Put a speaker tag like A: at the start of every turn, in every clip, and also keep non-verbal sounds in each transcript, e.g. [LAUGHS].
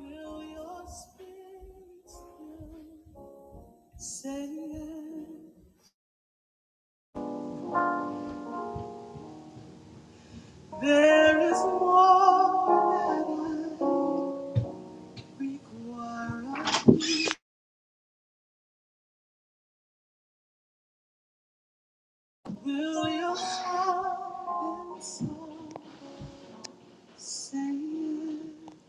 A: Will your spirit still say yes? There is more that I require. Will your heart and soul say yes?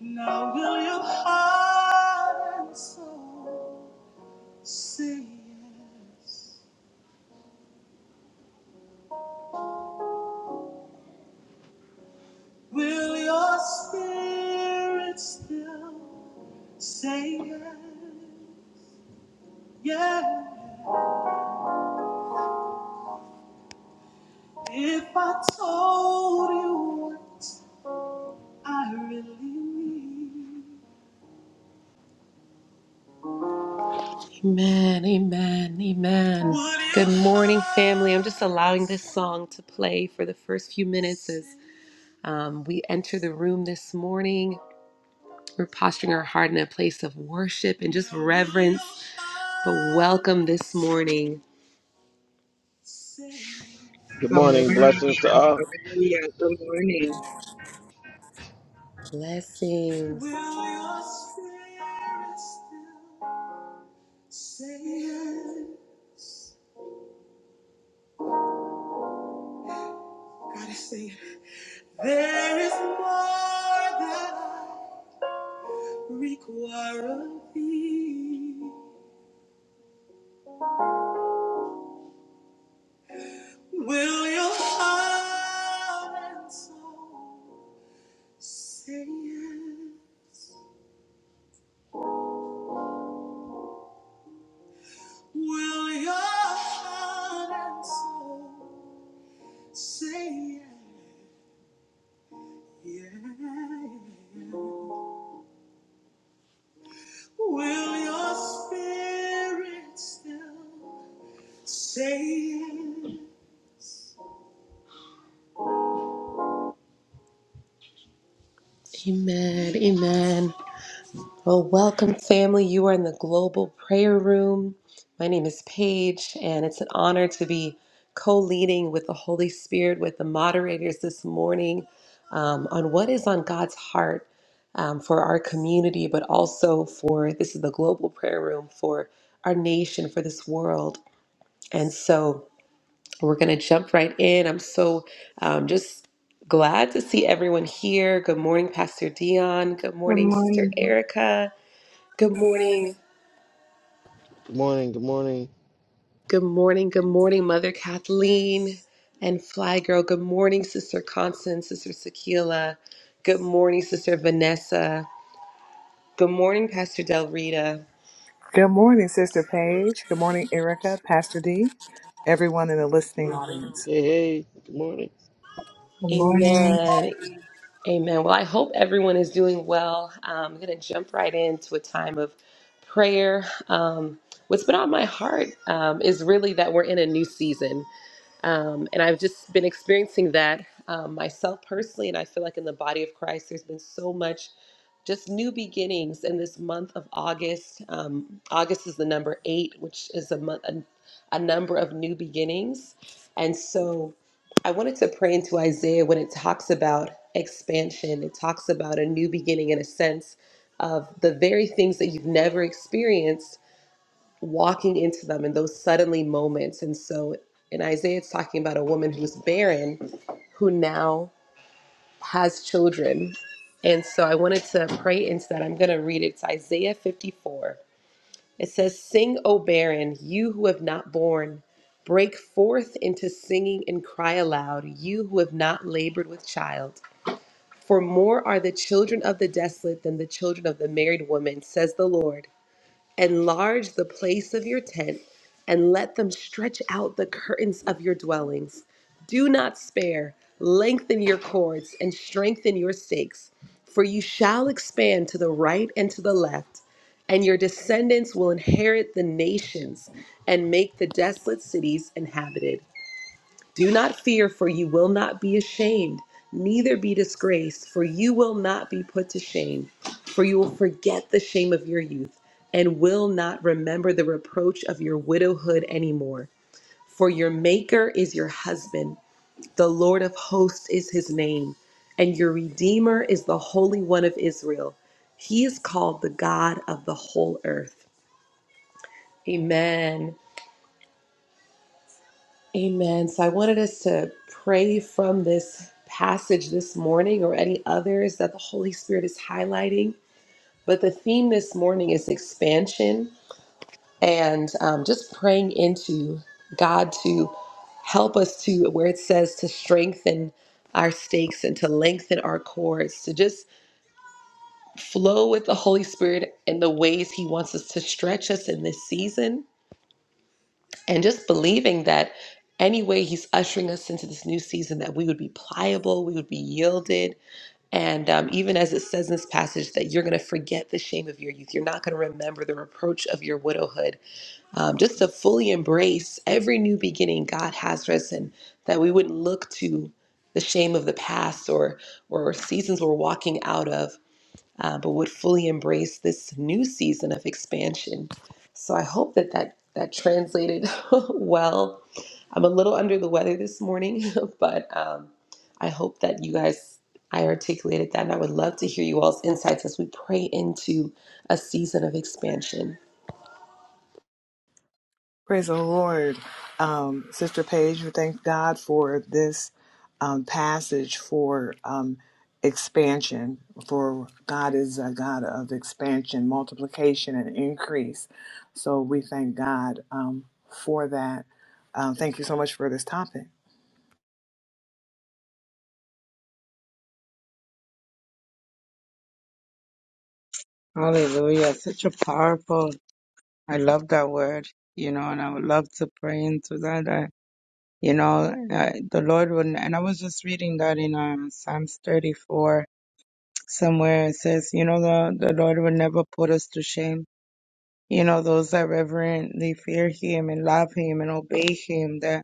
A: Now will your heart and soul say yes? Will your spirit still say yes? Yeah, if I told you what I really need. Amen, amen, amen. Would you- Good morning, family. I'm just allowing this song to play for the first few minutes as um, we enter the room this morning. We're posturing our heart in a place of worship and just reverence, but welcome this morning.
B: Good
C: Good
B: morning.
C: morning.
B: Blessings to all.
C: Hallelujah. Good morning.
A: Blessings. Will your spirit still Say yes. Gotta say it. There is more that I require of thee. Will your heart and soul say yes? Will your heart and soul say yes? Yeah. Will your spirit still say yes? Amen. Amen. Well, welcome, family. You are in the Global Prayer Room. My name is Paige, and it's an honor to be co leading with the Holy Spirit, with the moderators this morning um, on what is on God's heart um, for our community, but also for this is the Global Prayer Room for our nation, for this world. And so, we're going to jump right in. I'm so um, just glad to see everyone here. Good morning, Pastor Dion. Good
C: Good
A: morning, Sister
C: morning.
A: Erica. Good morning.
B: Good morning. Good morning.
A: Good morning. Good morning, Mother Kathleen and Fly Girl. Good morning, Sister Constance, Sister Sakila. Good morning, Sister Vanessa. Good morning, Pastor Del Rita.
D: Good morning, Sister Paige. Good morning, Erica, Pastor D, everyone in the listening audience.
B: Hey, hey. Good morning.
C: Good morning.
A: Amen. Amen. Well, I hope everyone is doing well. Um, I'm going to jump right into a time of prayer. Um, what's been on my heart um, is really that we're in a new season. Um, and I've just been experiencing that um, myself personally. And I feel like in the body of Christ, there's been so much just new beginnings in this month of August. Um, August is the number eight, which is a month, a, a number of new beginnings. And so I wanted to pray into Isaiah when it talks about expansion, it talks about a new beginning in a sense of the very things that you've never experienced walking into them in those suddenly moments. And so in Isaiah, it's talking about a woman who's barren who now has children. And so I wanted to pray into that. I'm going to read it. It's Isaiah 54. It says, Sing, O barren, you who have not borne. Break forth into singing and cry aloud, you who have not labored with child. For more are the children of the desolate than the children of the married woman, says the Lord. Enlarge the place of your tent and let them stretch out the curtains of your dwellings. Do not spare. Lengthen your cords and strengthen your stakes, for you shall expand to the right and to the left, and your descendants will inherit the nations and make the desolate cities inhabited. Do not fear, for you will not be ashamed, neither be disgraced, for you will not be put to shame. For you will forget the shame of your youth, and will not remember the reproach of your widowhood anymore. For your Maker is your husband, the Lord of hosts is his name, and your Redeemer is the Holy One of Israel. He is called the God of the whole earth. Amen. Amen. So I wanted us to pray from this passage this morning or any others that the Holy Spirit is highlighting. But the theme this morning is expansion and um, just praying into God to help us to where it says to strengthen our stakes and to lengthen our cords, to just flow with the Holy Spirit in the ways He wants us to stretch us in this season and just believing that anyway he's ushering us into this new season that we would be pliable we would be yielded and um, even as it says in this passage that you're going to forget the shame of your youth you're not going to remember the reproach of your widowhood um, just to fully embrace every new beginning god has for us and that we wouldn't look to the shame of the past or or seasons we're walking out of uh, but would fully embrace this new season of expansion. So I hope that that, that translated [LAUGHS] well. I'm a little under the weather this morning, [LAUGHS] but um, I hope that you guys, I articulated that, and I would love to hear you all's insights as we pray into a season of expansion.
D: Praise the Lord. Um, Sister Paige, we thank God for this um, passage for um, expansion, for God is a God of expansion, multiplication, and increase. So we thank God um, for that. Um, thank you so much for this topic.
C: Hallelujah. Such a powerful, I love that word, you know, and I would love to pray into that. I, you know, I, the Lord would, and I was just reading that in um, Psalms 34 somewhere. It says, you know, the, the Lord will never put us to shame. You know, those that reverently fear him and love him and obey him, that,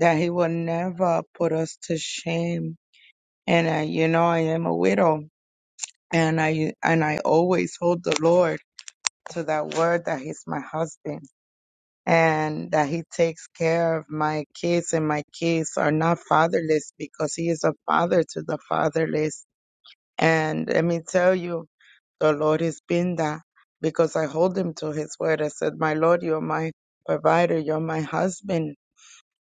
C: that he will never put us to shame and I, you know, I am a widow, and I and I always hold the Lord to that word that He's my husband and that He takes care of my kids, and my kids are not fatherless because He is a father to the fatherless. And let me tell you, the Lord has been that because I hold Him to His word. I said, "My Lord, you're my provider, you're my husband."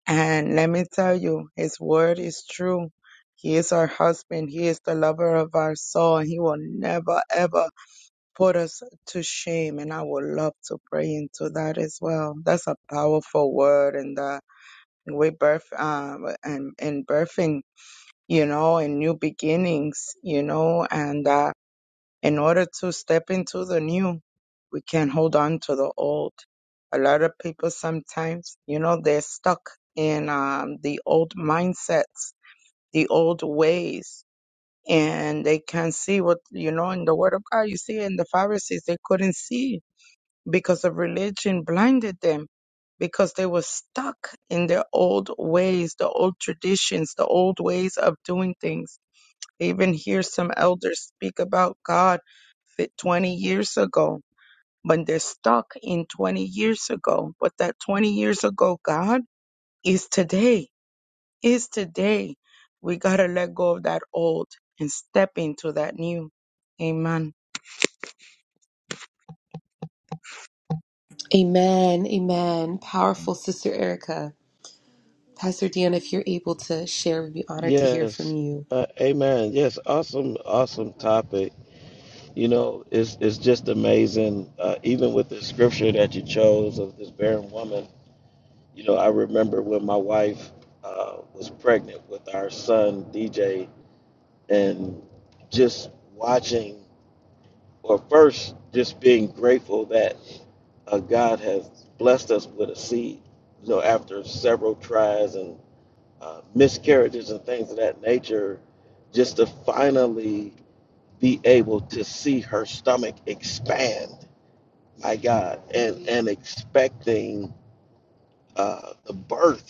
C: And let me tell you, his word is true. He is our husband. He is the lover of our soul. he will never, ever put us to shame. And I would love to pray into that as well. That's a powerful word. And uh, we birth, um, and, and birthing, you know, and new beginnings, you know, and, uh in order to step into the new, we can't hold on to the old. A lot of people sometimes, you know, they're stuck in um, the old mindsets, the old ways, and they can't see what, you know, in the Word of God, you see, in the Pharisees, they couldn't see because of religion blinded them because they were stuck in their old ways, the old traditions, the old ways of doing things. I even hear some elders speak about God fit 20 years ago, but they're stuck in 20 years ago. But that 20 years ago God is today, is today. We got to let go of that old and step into that new. Amen.
A: Amen. Amen. Powerful Sister Erica. Pastor Dan, if you're able to share, we'd be honored to hear from
B: Yes.
A: you.
B: Uh, amen. Yes. Awesome. Awesome topic. You know, it's it's just amazing. Uh, even with the scripture that you chose of this barren woman. You know, I remember when my wife uh, was pregnant with our son DJ, and just watching. Well, first, just being grateful that uh, God has blessed us with a seed. You know, after several tries and uh, miscarriages and things of that nature, just to finally be able to see her stomach expand, my God, and and expecting uh, the birth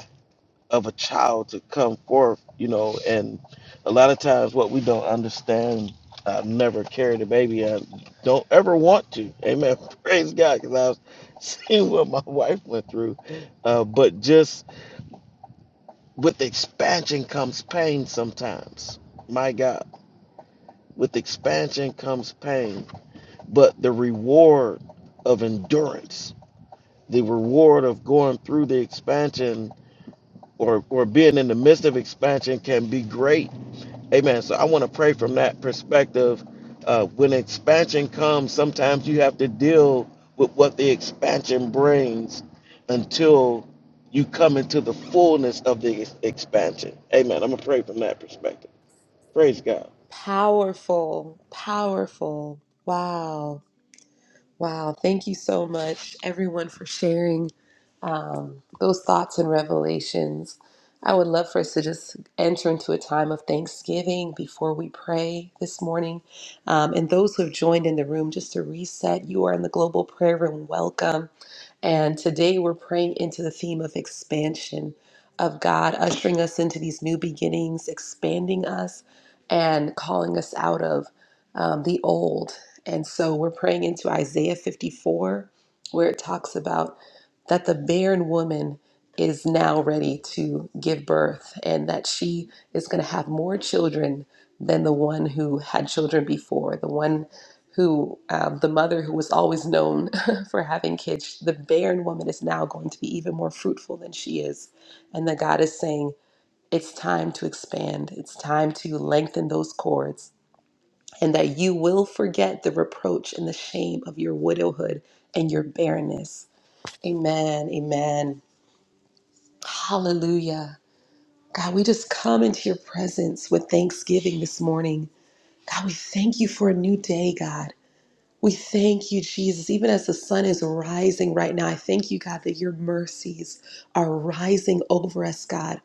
B: of a child to come forth, you know, and a lot of times what we don't understand, I've never carried a baby. I don't ever want to. Amen. [LAUGHS] Praise God, because I've seen what my [LAUGHS] wife went through. Uh, but just with expansion comes pain sometimes. My God, with expansion comes pain, but the reward of endurance, the reward of going through the expansion or, or being in the midst of expansion can be great Amen. So I want to pray from that perspective. Uh, when expansion comes, sometimes you have to deal with what the expansion brings until you come into the fullness of the ex- expansion. Amen. I'm going to pray from that perspective. Praise God.
A: Powerful, powerful. Wow. Wow, thank you so much, everyone, for sharing um, those thoughts and revelations. I would love for us to just enter into a time of thanksgiving before we pray this morning. Um, and those who have joined in the room, just to reset, you are in the Global Prayer Room. Welcome. And today we're praying into the theme of expansion of God, ushering us into these new beginnings, expanding us, and calling us out of um, the old and so we're praying into Isaiah 54, where it talks about that the barren woman is now ready to give birth and that she is going to have more children than the one who had children before, the one who, um, the mother who was always known [LAUGHS] for having kids. The barren woman is now going to be even more fruitful than she is. And that God is saying, it's time to expand, it's time to lengthen those cords and that you will forget the reproach and the shame of your widowhood and your barrenness. Amen. Amen. Hallelujah. God, we just come into your presence with thanksgiving this morning. God, we thank you for a new day, God. We thank you, Jesus. Even as the sun is rising right now, I thank you, God, that your mercies are rising over us, God.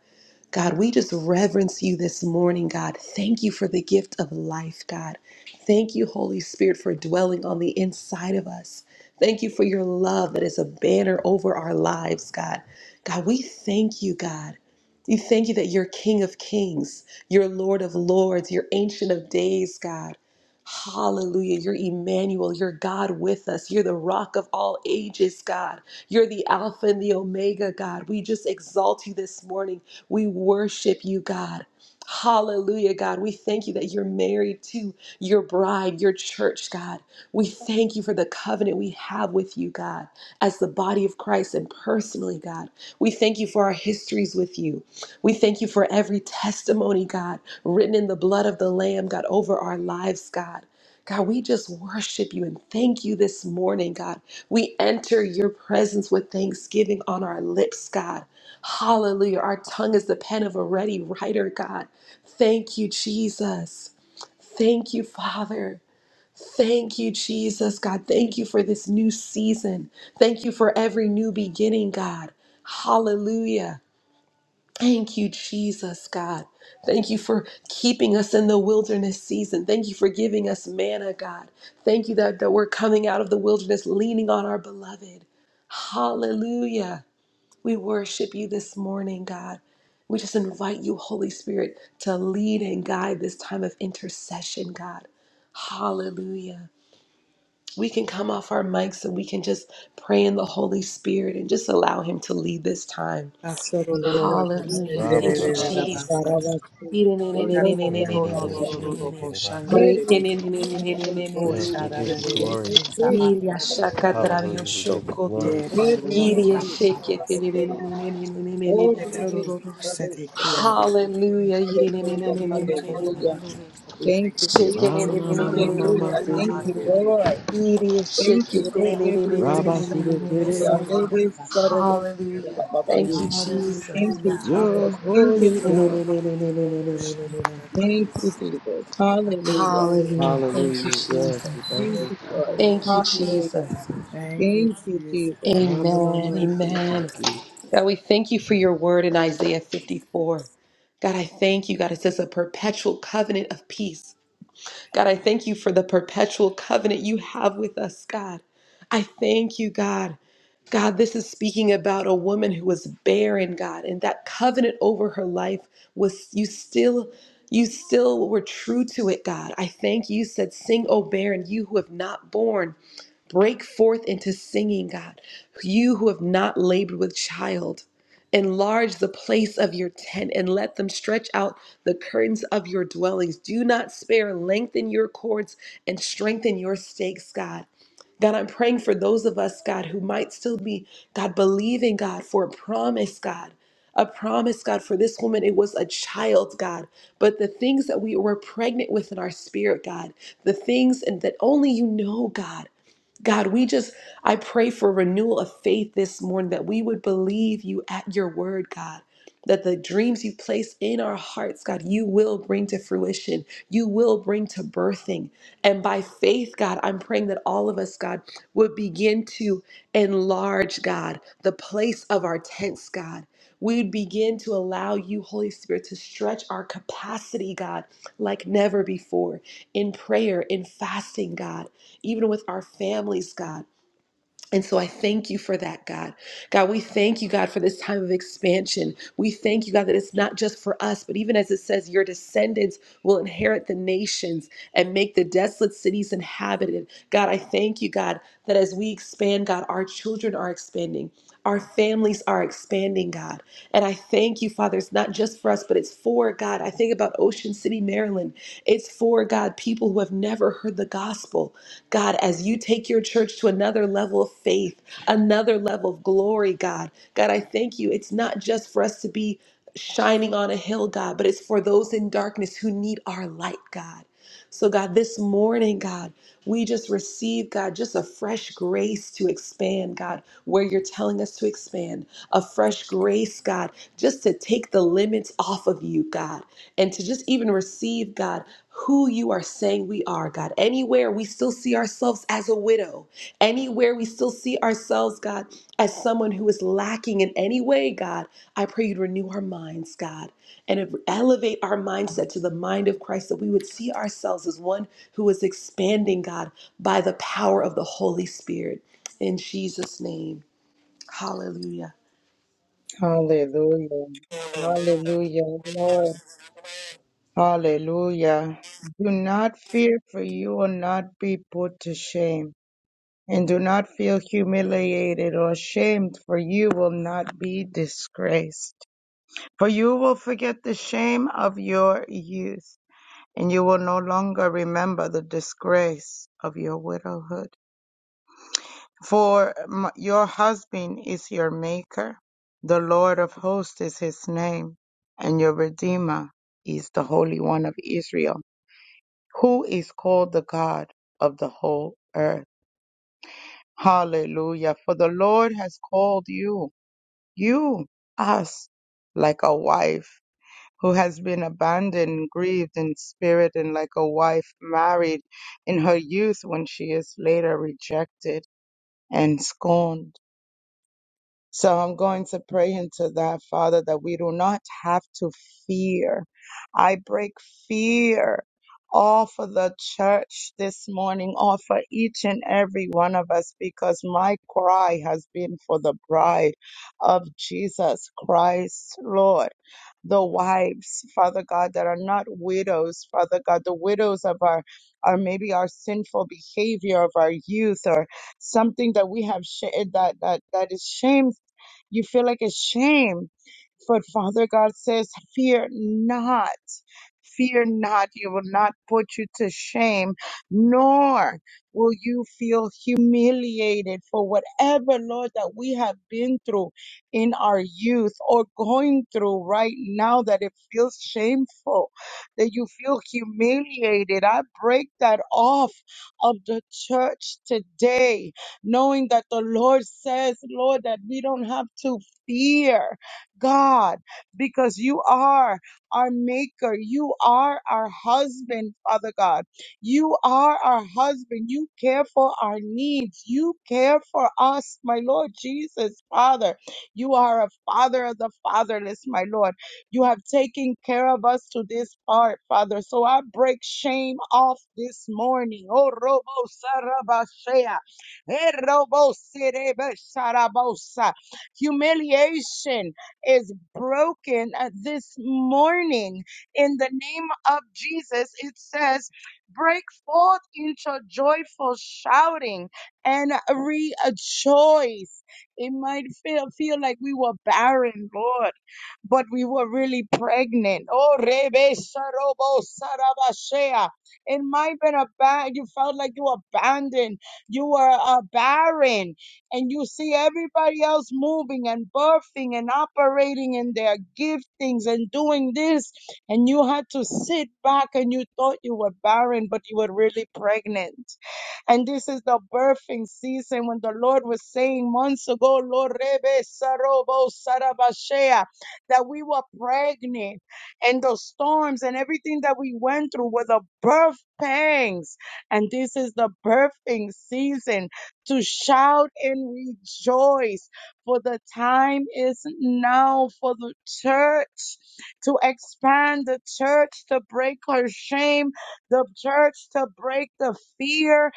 A: God, we just reverence you this morning, God. Thank you for the gift of life, God. Thank you, Holy Spirit, for dwelling on the inside of us. Thank you for your love that is a banner over our lives, God. God, we thank you, God. We thank you that you're King of Kings, you're Lord of Lords, you're Ancient of Days, God. Hallelujah. You're Emmanuel. You're God with us. You're the rock of all ages, God. You're the Alpha and the Omega, God. We just exalt you this morning. We worship you, God. Hallelujah, God. We thank you that you're married to your bride, your church, God. We thank you for the covenant we have with you, God, as the body of Christ and personally, God. We thank you for our histories with you. We thank you for every testimony, God, written in the blood of the Lamb, God, over our lives, God. God, we just worship you and thank you this morning, God. We enter your presence with thanksgiving on our lips, God. Hallelujah. Our tongue is the pen of a ready writer, God. Thank you, Jesus. Thank you, Father. Thank you, Jesus, God. Thank you for this new season. Thank you for every new beginning, God. Hallelujah. Thank you, Jesus, God. Thank you for keeping us in the wilderness season. Thank you for giving us manna, God. Thank you that, that we're coming out of the wilderness leaning on our beloved. Hallelujah. We worship you this morning, God. We just invite you, Holy Spirit, to lead and guide this time of intercession, God. Hallelujah. We can come off our mics and we can just pray in the Holy Spirit and just allow Him to lead this time. Hallelujah.
B: Rabba
A: Thank you,
B: baba
A: Jesus.
B: sitake,
D: We
A: Hallelujah.
D: thank you
B: rebe
D: for
B: bebe shetake rebasa. Yes, we give you glory.
A: Shake it.
B: Hallelujah. We give you glory.
A: Idiot, shake
C: [LAUGHS] Oh, really, Hallelujah, hallelujah. Thank you,
D: your presence.
C: Jesus.
B: Ramana mama
C: Hallelujah.
B: mama
C: Thank
D: Ah,
C: you,
D: yeah,
B: sitake,
D: did it.
C: Lord. Thank you,
A: it.
C: Lord.
B: rabba sitake rebasa.
A: Hallelujah. Thank you, Jesus.
C: Thank you,
D: Hallelujah, hallelujah,
B: You're a
C: Jesus. Thank you,
B: holy
C: Lord.
B: God.
A: Hallelujah.
D: hallelujah,
C: Thank you, Jesus. Hallelujah.
A: Thank you,
B: Hallelujah.
A: Jesus.
B: Yes, we
D: hallelujah.
B: thank
C: Thank
B: you,
C: you,
B: God.
C: Lord.
D: hallelujah.
A: Thank you,
C: Hallelujah.
A: Jesus.
D: Thank you,
C: Thank you,
D: Jesus.
C: Jesus.
A: Amen. Amen.
B: Ramanamasikiki.
A: God, we thank you for your word in Isaiah 54. God, I thank you. God, it says a perpetual covenant of peace. God, I thank you for the perpetual covenant you have with us, God. I thank you, God. God, this is speaking about a woman who was barren, God, and that covenant over her life was you still you still were true to it, God. I thank you You said, "Sing, O barren, you who have not borne." Break forth into singing, God. You who have not labored with child, enlarge the place of your tent and let them stretch out the curtains of your dwellings. Do not spare, lengthen your cords and strengthen your stakes, God. God, I'm praying for those of us, God, who might still be, God, believing, God, for a promise, God. A promise, God, for this woman, it was a child, God. But the things that we were pregnant with in our spirit, God, the things and that only you know, God. God, we just, I pray for renewal of faith this morning that we would believe you at your word, God. That the dreams you place in our hearts, God, you will bring to fruition. You will bring to birthing. And by faith, God, I'm praying that all of us, God, would begin to enlarge, God, the place of our tents, God. We would begin to allow you, Holy Spirit, to stretch our capacity, God, like never before in prayer, in fasting, God even with our families, God. And so I thank you for that, God. God, we thank you, God, for this time of expansion. We thank you, God, that it's not just for us, but even as it says, your descendants will inherit the nations and make the desolate cities inhabited. God, I thank you, God, that as we expand, God, our children are expanding. Our families are expanding, God. And I thank you, Father. It's not just for us, but it's for God. I think about Ocean City, Maryland. It's for God, people who have never heard the gospel. God, as you take your church to another level of faith, another level of glory, God. God, I thank you. It's not just for us to be shining on a hill, God, but it's for those in darkness who need our light, God. So, God, this morning, God, we just receive, God, just a fresh grace to expand, God, where you're telling us to expand, a fresh grace, God, just to take the limits off of you, God and to just even receive, God, who you are saying we are, God. Anywhere we still see ourselves as a widow, anywhere we still see ourselves, God, as someone who is lacking in any way, God, I pray you'd renew our minds, God, and elevate our mindset to the mind of Christ that we would see ourselves as one who is expanding, God, by the power of the Holy Spirit. In Jesus' name, hallelujah.
C: Hallelujah. Hallelujah, Lord. Hallelujah. Do not fear, for you will not be put to shame. And do not feel humiliated or ashamed, for you will not be disgraced. For you will forget the shame of your youth, and you will no longer remember the disgrace of your widowhood. For m- your husband is your maker, the Lord of hosts is his name, and your Redeemer is the Holy One of Israel. who is called the God of the whole earth. Hallelujah. For the Lord has called you, you, us, like a wife who has been abandoned, grieved in spirit, and like a wife married in her youth when she is later rejected and scorned. So I'm going to pray into that, Father, that we do not have to fear. I break fear off of the church this morning, off of each and every one of us, because my cry has been for the bride of Jesus Christ, Lord. The wives, Father God, that are not widows, Father God, the widows of our, or maybe our sinful behavior of our youth or something that we have sh- that that that is shameful you feel like a shame. But Father God says, Fear not. Fear not, he will not put you to shame, nor will you feel humiliated for whatever, Lord, that we have been through in our youth or going through right now that it feels shameful, that you feel humiliated. I break that off of the church today, knowing that the Lord says, Lord, that we don't have to fear God because you are our maker. You are our husband, Father God. You are our husband. You care for our needs. You care for us, my Lord Jesus, Father. You are a father of the fatherless, my Lord. You have taken care of us to this part, Father. So I break shame off this morning. Oh, Robo Sarabashea. Eh, Robo Serebesarabosa. Humiliation is broken uh, this morning in the name of Jesus. It says, break forth into joyful shouting and rejoice. It might feel, feel like we were barren, Lord but we were really pregnant. Oh, Rebe Sarobo Sarabashea. It might have been a bad, you felt like you were abandoned, you were uh, barren, and you see everybody else moving and birthing and operating in their giftings and doing this, and you had to sit back and you thought you were barren, but you were really pregnant. And this is the birthing season when the Lord was saying months ago, Lord Rebe Sarobo Sarabashea that we were pregnant and the storms and everything that we went through were the birth pangs. And this is the birthing season to shout and rejoice for the time is now for the church to expand the church to break her shame, the church to break the fear.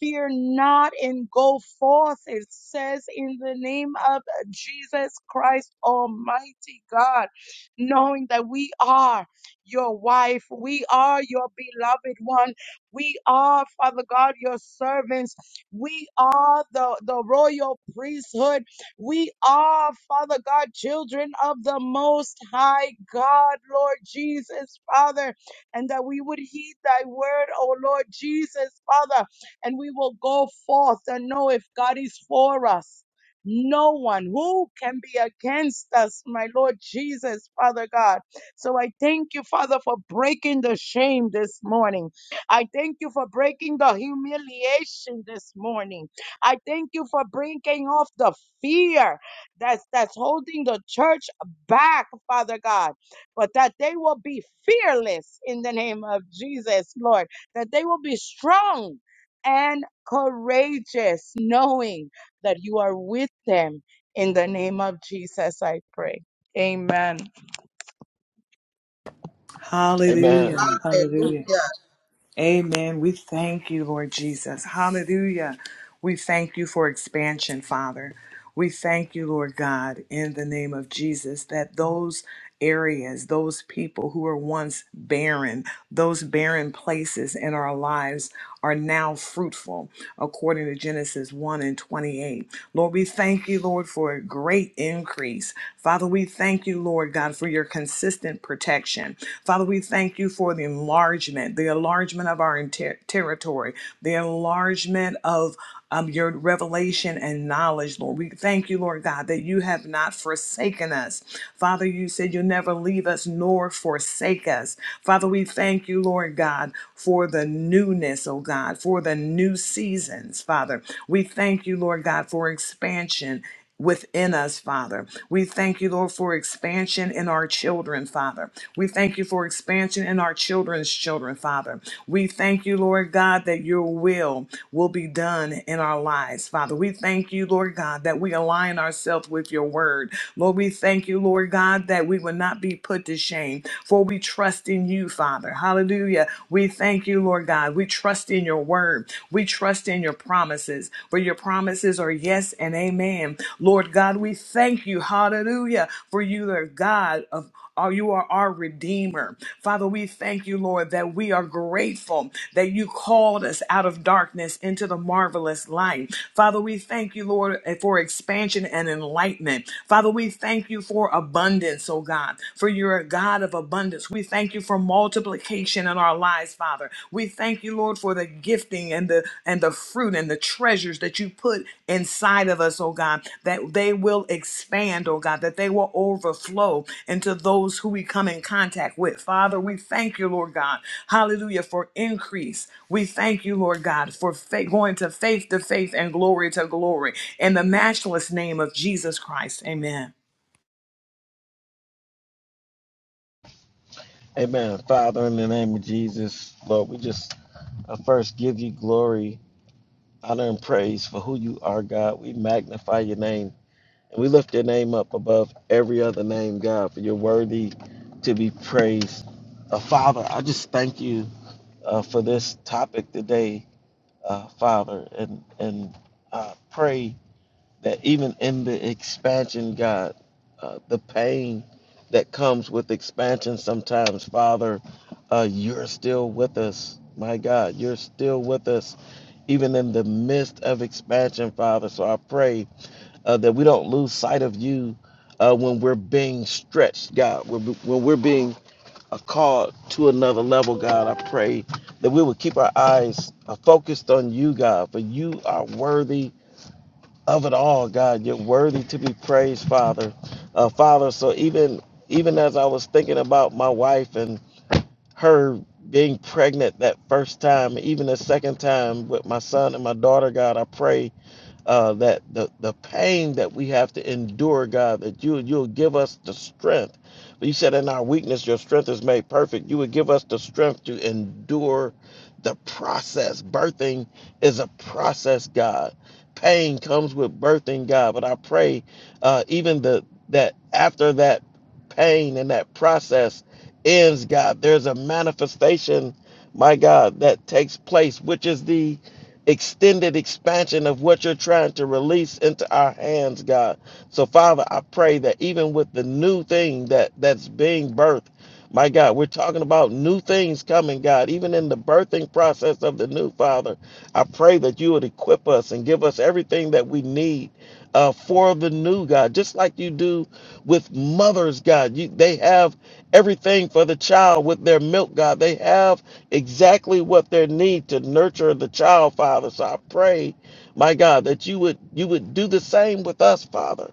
C: Fear not and go forth, it says in the name Lord Jesus Christ, Almighty God, knowing that we are your wife, we are your beloved one, we are, Father God, your servants, we are the, the royal priesthood, we are, Father God, children of the Most High God, Lord Jesus, Father, and that we would heed thy word, O Lord Jesus, Father, and we will go forth and know if God is for us. No one who can be against us, my Lord Jesus, Father God. So I thank you, Father, for breaking the shame this morning. I thank you for breaking the humiliation this morning. I thank you for breaking off the fear that's that's holding the church back, Father God. But that they will be fearless in the name of Jesus, Lord. That they will be strong and courageous, knowing that you are with them. In the name of Jesus, I pray. Amen.
B: Amen.
D: Hallelujah, hallelujah.
C: Hallelujah.
D: Amen. We thank you, Lord Jesus. Hallelujah. We thank you for expansion, Father. We thank you, Lord God, in the name of Jesus, that those areas, those people who were once barren, those barren places in our lives are now fruitful, according to Genesis 1 and 28. Lord, we thank you, Lord, for a great increase. Father, we thank you, Lord God, for your consistent protection. Father, we thank you for the enlargement, the enlargement of our ter- territory, the enlargement of um, your revelation and knowledge, Lord. We thank you, Lord God, that you have not forsaken us. Father, you said you'll never leave us nor forsake us. Father, we thank you, Lord God, for the newness, oh God, for the new seasons, Father. We thank you, Lord God, for expansion within us, Father. We thank you, Lord, for expansion in our children, Father. We thank you for expansion in our children's children, Father. We thank you, Lord God, that your will will be done in our lives, Father. We thank you, Lord God, that we align ourselves with your word. Lord, we thank you, Lord God, that we will not be put to shame, for we trust in you, Father. Hallelujah. We thank you, Lord God. We trust in your word. We trust in your promises, for your promises are yes and amen. Lord God, we thank you, hallelujah, for you are God of are you are our redeemer. Father, we thank you, Lord, that we are grateful that you called us out of darkness into the marvelous light. Father, we thank you, Lord, eh, for expansion and enlightenment. Father, we thank you for abundance, oh God, for you're a God of abundance. We thank you you for multiplication in our lives, Father. We thank you, Lord, for the gifting and the and the fruit and the treasures that you put inside of us, oh God, that they will expand, oh God, that they will overflow into those who we come in contact with. Father, we thank you, Lord God. Hallelujah for increase. We thank you, Lord God, for fa- going to faith to faith and glory to glory. In the matchless name of Jesus Christ. Amen.
B: Amen. Father, in the name of Jesus, Lord, we just I first give you glory, honor, and praise for who you are, God. We magnify your name and we lift your name up above every other name, God, for you're worthy to be praised. Uh, Father, I just thank you uh, for this topic today, uh, Father, and and uh, pray. that even in the expansion, God, uh, the pain that comes with expansion sometimes, Father, uh, you're still with us. My God, you're still with us, even in the midst of expansion, Father. So I pray uh, that we don't lose sight of you uh, when we're being stretched, God, when when we're being uh, called to another level, God. I pray that we will keep our eyes uh, focused on you, God, for you are worthy of it all, God. You're worthy to be praised, Father. Uh, Father, so even even as I was thinking about my wife and her being pregnant that first time, even the second time with my son and my daughter, God, I pray uh, that the, the pain that we have to endure, God, that you you'll give us the strength. But you said in our weakness, your strength is made perfect. You would give us the strength to endure the process. Birthing is a process, God. Pain comes with birthing, God. But I pray, uh, even the that after that pain and that process ends, God, there's a manifestation, my God, that takes place, which is the extended expansion of what you're trying to release into our hands, God. So, Father, I pray that even with the new thing that that's being birthed, my God, we're talking about new things coming, God. Even in the birthing process of the new Father, I pray that you would equip us and give us everything that we need uh, for the new God, just like you do with mothers, God. You, they have everything for the child with their milk, God. They have exactly what their need to nurture the child, Father. So I pray, my God, that you would you would do the same with us, Father.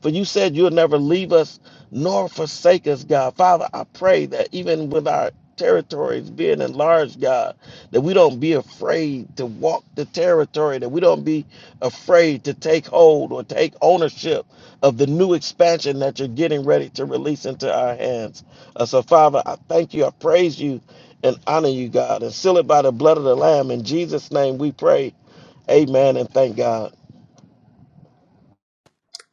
B: For you said you'll never leave us nor forsake us, God. Father, I pray that even with our territories being enlarged, God, that we don't be afraid to walk the territory, that we don't be afraid to take hold or take ownership of the new expansion that you're getting ready to release into our hands. Uh, so, Father, I thank you, I praise you, and honor you, God, and seal it by the blood of the Lamb. In Jesus' name we pray. Amen and thank God.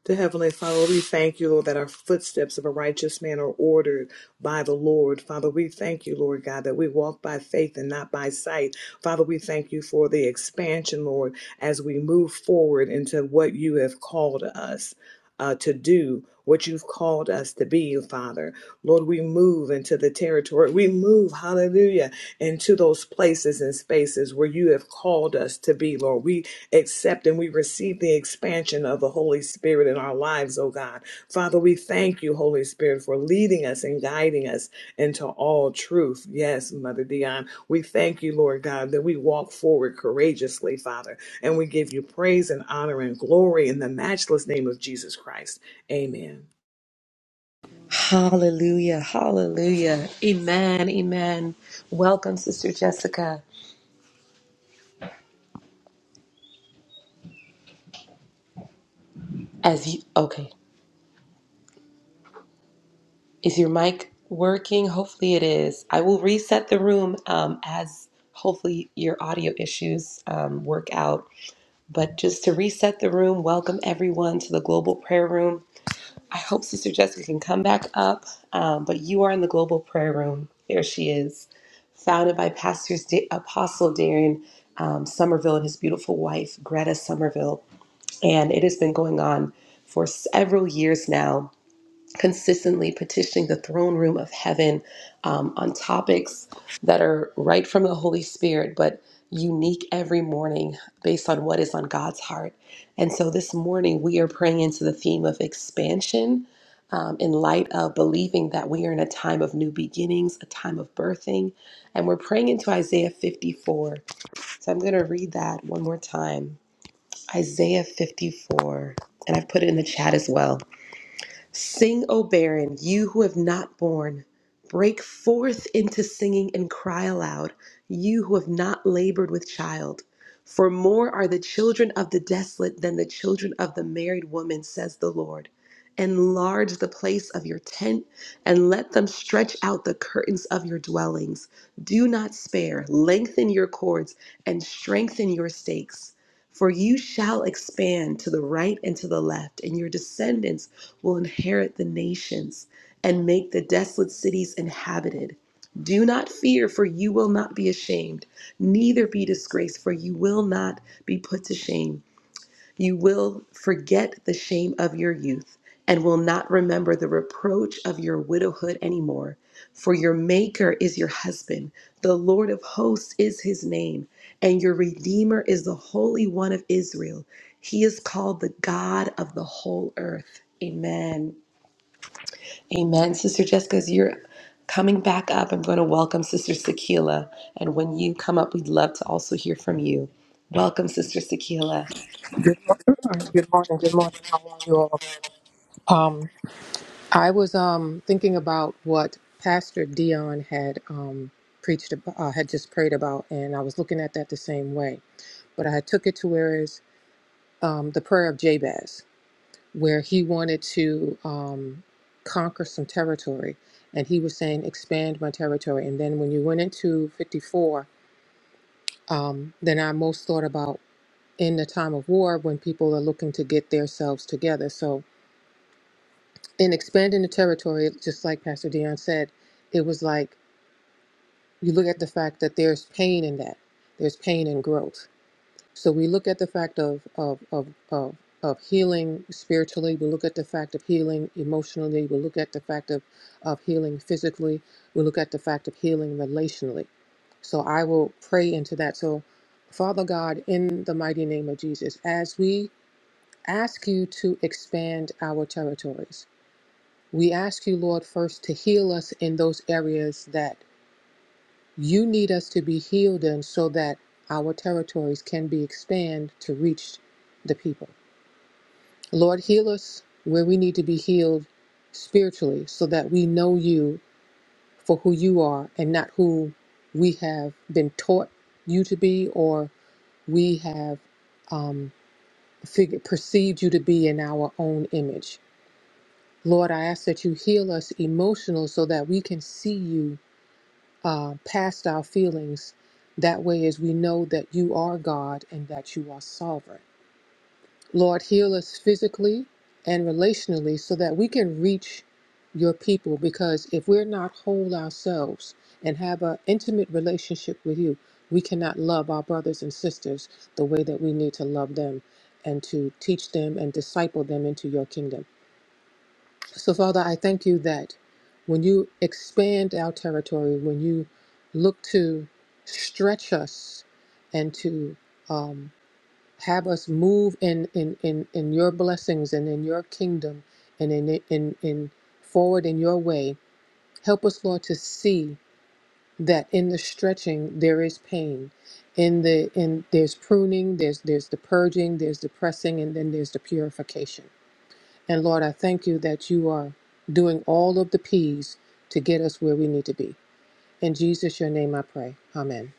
D: The Heavenly Father, we thank you, Lord, that our footsteps of a righteous man are ordered by the Lord. Father, we thank you, Lord God, that we walk by faith and not by sight. Father, we thank you for the expansion, Lord, as we move forward into what you have called us uh, to do what you've called us to be, Father. Lord, we move into the territory. We move, hallelujah, into those places and spaces where you have called us to be, Lord. We accept and we receive the expansion of the Holy Spirit in our lives, oh God. Father, we thank you, Holy Spirit, for leading us and guiding us into all truth. Yes, Mother Dion, we thank you, Lord God, that we walk forward courageously, Father, and we give you praise and honor and glory in the matchless name of Jesus Christ. Amen.
A: Hallelujah. Hallelujah. Amen. Amen. Welcome, Sister Jessica. As you, okay, is your mic working? Hopefully it is. I will reset the room um, as hopefully your audio issues um, work out. But just to reset the room, welcome everyone to the Global Prayer Room. I hope Sister Jessica can come back up, um, but you are in the global prayer room. There she is, founded by Pastors da- Apostle Darren um, Somerville and his beautiful wife, Greta Somerville. And it has been going on for several years now consistently petitioning the throne room of heaven um, on topics that are right from the Holy Spirit, but unique every morning based on what is on God's heart. And so this morning we are praying into the theme of expansion. um, in light of believing that we are in a time of new beginnings, a time of birthing, and we're praying into Isaiah 54. So I'm going to read that one more time. Isaiah 54, and I've put it in the chat as well. Sing, O barren, you who have not borne. Break forth into singing and cry aloud, you who have not labored with child. For more are the children of the desolate than the children of the married woman, says the Lord. Enlarge the place of your tent and let them stretch out the curtains of your dwellings. Do not spare, lengthen your cords and strengthen your stakes. For you shall expand to the right and to the left, and your descendants will inherit the nations and make the desolate cities inhabited. Do not fear, for you will not be ashamed, neither be disgraced, for you will not be put to shame. You will forget the shame of your youth and will not remember the reproach of your widowhood anymore. For your Maker is your husband, the Lord of hosts is his name, and your Redeemer is the Holy One of Israel. He is called the God of the whole earth. Amen. Amen. Sister Jessica, as you're coming back up, I'm going to welcome Sister Sakila. And when you come up, we'd love to also hear from you. Welcome, Sister Sakila.
E: Good morning. Good morning. How are you all? Um, I was um thinking about what Pastor Dion had um preached about, uh, had just prayed about, and I was looking at that the same way. But I took it to where is um, the prayer of Jabez, where he wanted to um, conquer some territory, and he was saying, "Expand my territory." And then when you went into fifty-four, um, then I most thought about in the time of war when people are looking to get themselves together. So in expanding the territory, just like Pastor Dion said, it was like you look at the fact that there's pain in that. There's pain in growth. So we look at the fact of of of of, of healing spiritually. We look at the fact of healing emotionally. We look at the fact of of healing physically. We look at the fact of healing relationally. So I will pray into that. So, Father God, in the mighty name of Jesus, as we ask you to expand our territories, we ask you, Lord, first to heal us in those areas that you need us to be healed in so that our territories can be expanded to reach the people. Lord, heal us where we need to be healed spiritually so that we know you for who you are and not who we have been taught you to be or we have um, fig- perceived you to be in our own image. Lord, I ask that you heal us emotional so that we can see you uh, past our feelings. That way, as we know that you are God and that you are sovereign. Lord, heal us physically and relationally so that we can reach your people. Because if we're not whole ourselves and have an intimate relationship with you, we cannot love our brothers and sisters the way that we need to love them and to teach them and disciple them into your kingdom. So, Father, I thank you that when you expand our territory, when you look to stretch us and to um, have us move in, in, in, in your blessings and in your kingdom and in, in, in forward in your way, help us, Lord, to see that in the stretching there is pain. In the in there's pruning, there's there's the purging, there's the pressing, and then there's the purification. And Lord, I thank you that you are doing all of the P's to get us where we need to be. In Jesus, your name I pray. Amen.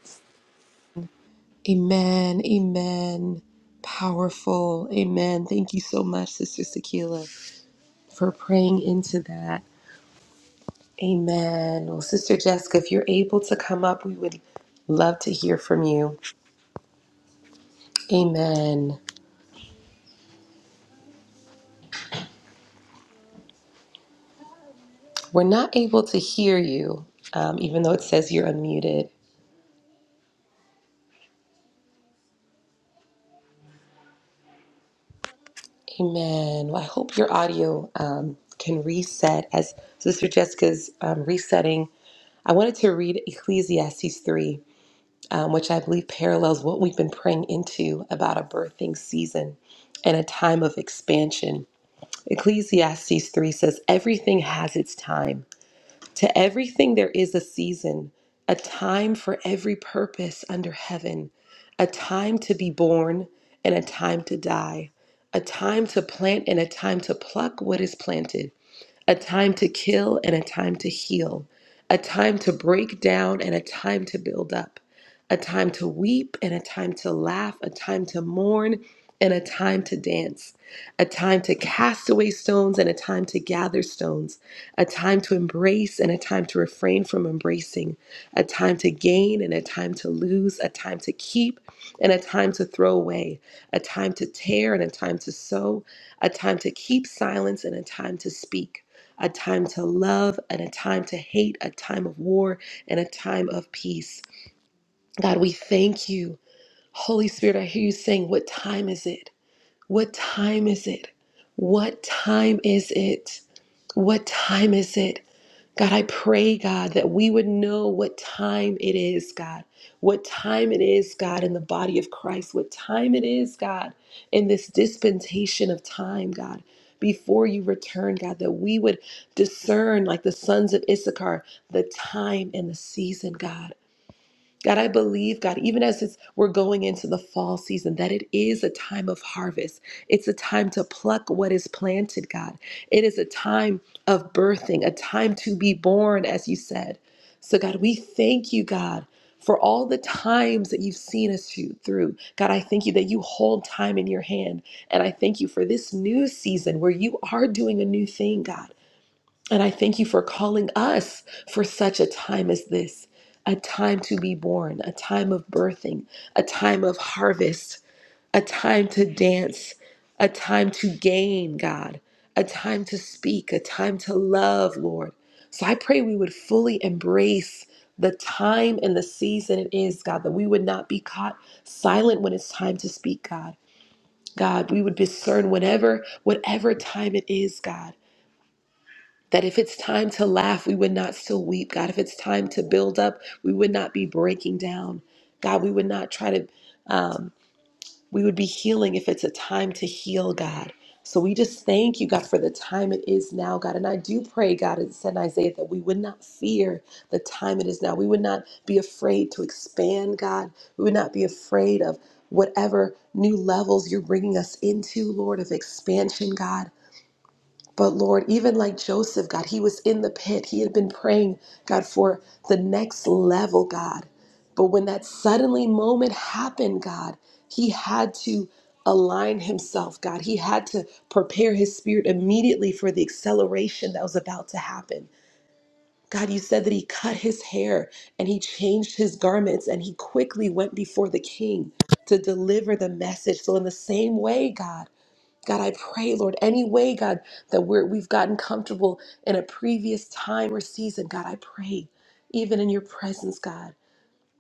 A: Amen. Amen. Powerful. Amen. Thank you so much, Sister Sakila, for praying into that. Amen. Well, Sister Jessica, if you're able to come up, we would love to hear from you. Amen. We're not able to hear you, um, even though it says you're unmuted. Amen. Well, I hope your audio um, can reset. As Sister Jessica's um, resetting, I wanted to read Ecclesiastes 3, um, which I believe parallels what we've been praying into about a birthing season and a time of expansion. Ecclesiastes 3 says, Everything has its time to everything there is a season, a time for every purpose under heaven, a time to be born and a time to die, a time to plant and a time to pluck what is planted a time to kill and a time to heal, a time to break down and a time to build up, a time to weep and a time to laugh, a time to mourn and a time to dance, a time to cast away stones and a time to gather stones, a time to embrace and a time to refrain from embracing, a time to gain and a time to lose, a time to keep and a time to throw away, a time to tear and a time to sow, a time to keep silence and a time to speak a time to love and a time to hate, a time of war and a time of peace. God, we thank you. Holy Spirit, I hear you saying, What time is it? What time is it? What time is it? What time is it? God, I pray, God, that we would know what time it is, God. What time it is, God, in the body of Christ. What time it is, God, in this dispensation of time, God. Before you return, God, that we would discern, like the sons of Issachar, the time and the season, God. God, I believe, God, even as it's, we're going into the fall season, that it is a time of harvest. It's a time to pluck what is planted, God. It is a time of birthing, a time to be born, as you said. So, God, we thank you, God, for all the times that you've seen us through. through. God, I thank you that you hold time in your hand. And I thank you for this new season where you are doing a new thing, God. And I thank you for calling us for such a time as this a time to be born, a time of birthing, a time of harvest, a time to dance, a time to gain, God, a time to speak, a time to love, Lord. So I pray we would fully embrace the time and the season it is, God, that we would not be caught silent when it's time to speak, God. God, we would discern whatever, whatever time it is, God. That if it's time to laugh, we would not still weep. God, if it's time to build up, we would not be breaking down. God, we would not try to, um, we would be healing if it's a time to heal, God. So we just thank you, God, for the time it is now, God. And I do pray, God, as it said in Isaiah, that we would not fear the time it is now. We would not be afraid to expand, God. We would not be afraid of whatever new levels you're bringing us into, Lord, of expansion, God. But Lord, even like Joseph, God, he was in the pit. He had been praying, God, for the next level, God. But when that suddenly moment happened, God, he had to align himself, God. He had to prepare his spirit immediately for the acceleration that was about to happen. God, you said that he cut his hair and he changed his garments and he quickly went before the king to deliver the message. So, in the same way, God, God, I pray, Lord, any way, God, that we're, we've gotten comfortable in a previous time or season, God, I pray, even in your presence, God,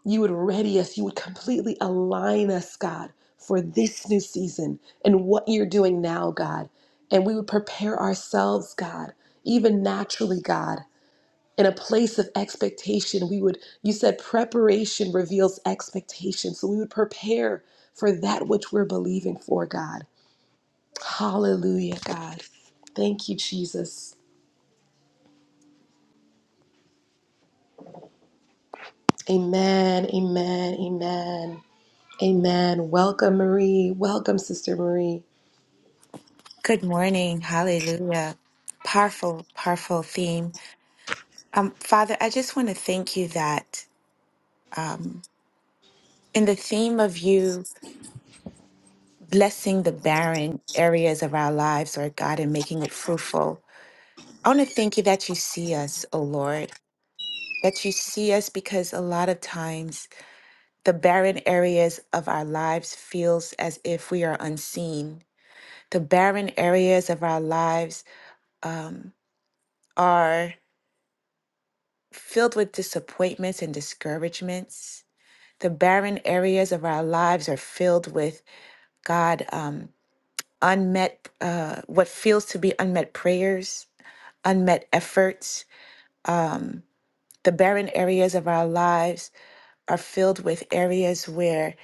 A: you would ready us, you would completely align us, God, for this new season and what you're doing now, God. And we would prepare ourselves, God, even naturally, God, in a place of expectation. We would, you said preparation reveals expectation. So we would prepare for that which we're believing for, God. Hallelujah, God. Thank you, Jesus. Amen, amen, amen, amen. Welcome, Marie. Welcome, Sister Marie.
F: Good morning. Hallelujah. Powerful, powerful theme. Um, Father, I just want to thank you that um, in the theme of you blessing the barren areas of our lives, Lord God, and making it fruitful, I want to thank you that you see us, O Lord, that you see us because a lot of times the barren areas of our lives feels as if we are unseen. The barren areas of our lives um, are filled with disappointments and discouragements. The barren areas of our lives are filled with God, um, unmet, uh, what feels to be unmet prayers, unmet efforts. The barren areas of our lives are filled with areas where,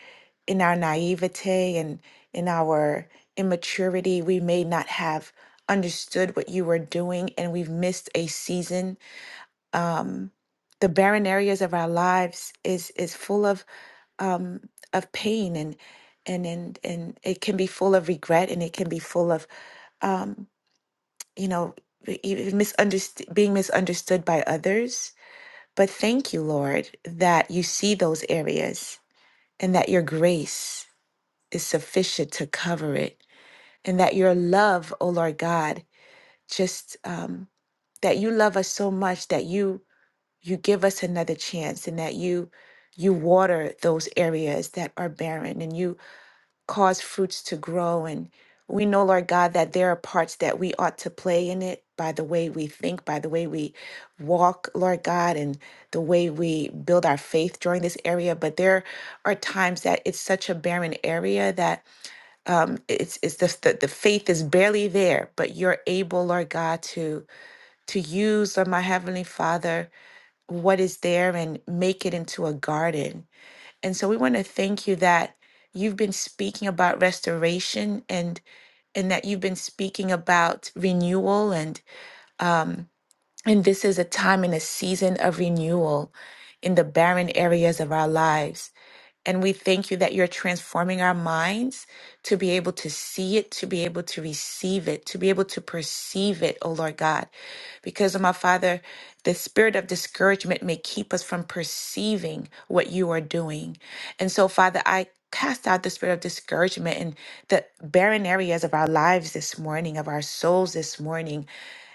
F: in our naivete and in our immaturity, we may not have understood what you were doing and we've missed a season. Um, the barren areas of our lives is is full of um, of pain and and and and it can be full of regret and it can be full of um, you know even misunderst- being misunderstood by others. But thank you, Lord, that you see those areas and that your grace is sufficient to cover it and that your love, oh Lord God, just um, that you love us so much that you you give us another chance and that you you water those areas that are barren and you cause fruits to grow. And we know, Lord God, that there are parts that we ought to play in it by the way we think, by the way we walk, Lord God, and the way we build our faith during this area. But there are times that it's such a barren area that um, it's, it's just the, the faith is barely there, but you're able, Lord God, to, to use, Lord, my Heavenly Father, what is there and make it into a garden and so we want to thank you that you've been speaking about restoration and and that you've been speaking about renewal and um and this is a time and a season of renewal in the barren areas of our lives. And we thank you that you're transforming our minds to be able to see it, to be able to receive it, to be able to perceive it, oh Lord God. Because, oh my Father, the spirit of discouragement may keep us from perceiving what you are doing. And so, Father, I cast out the spirit of discouragement in the barren areas of our lives this morning, of our souls this morning.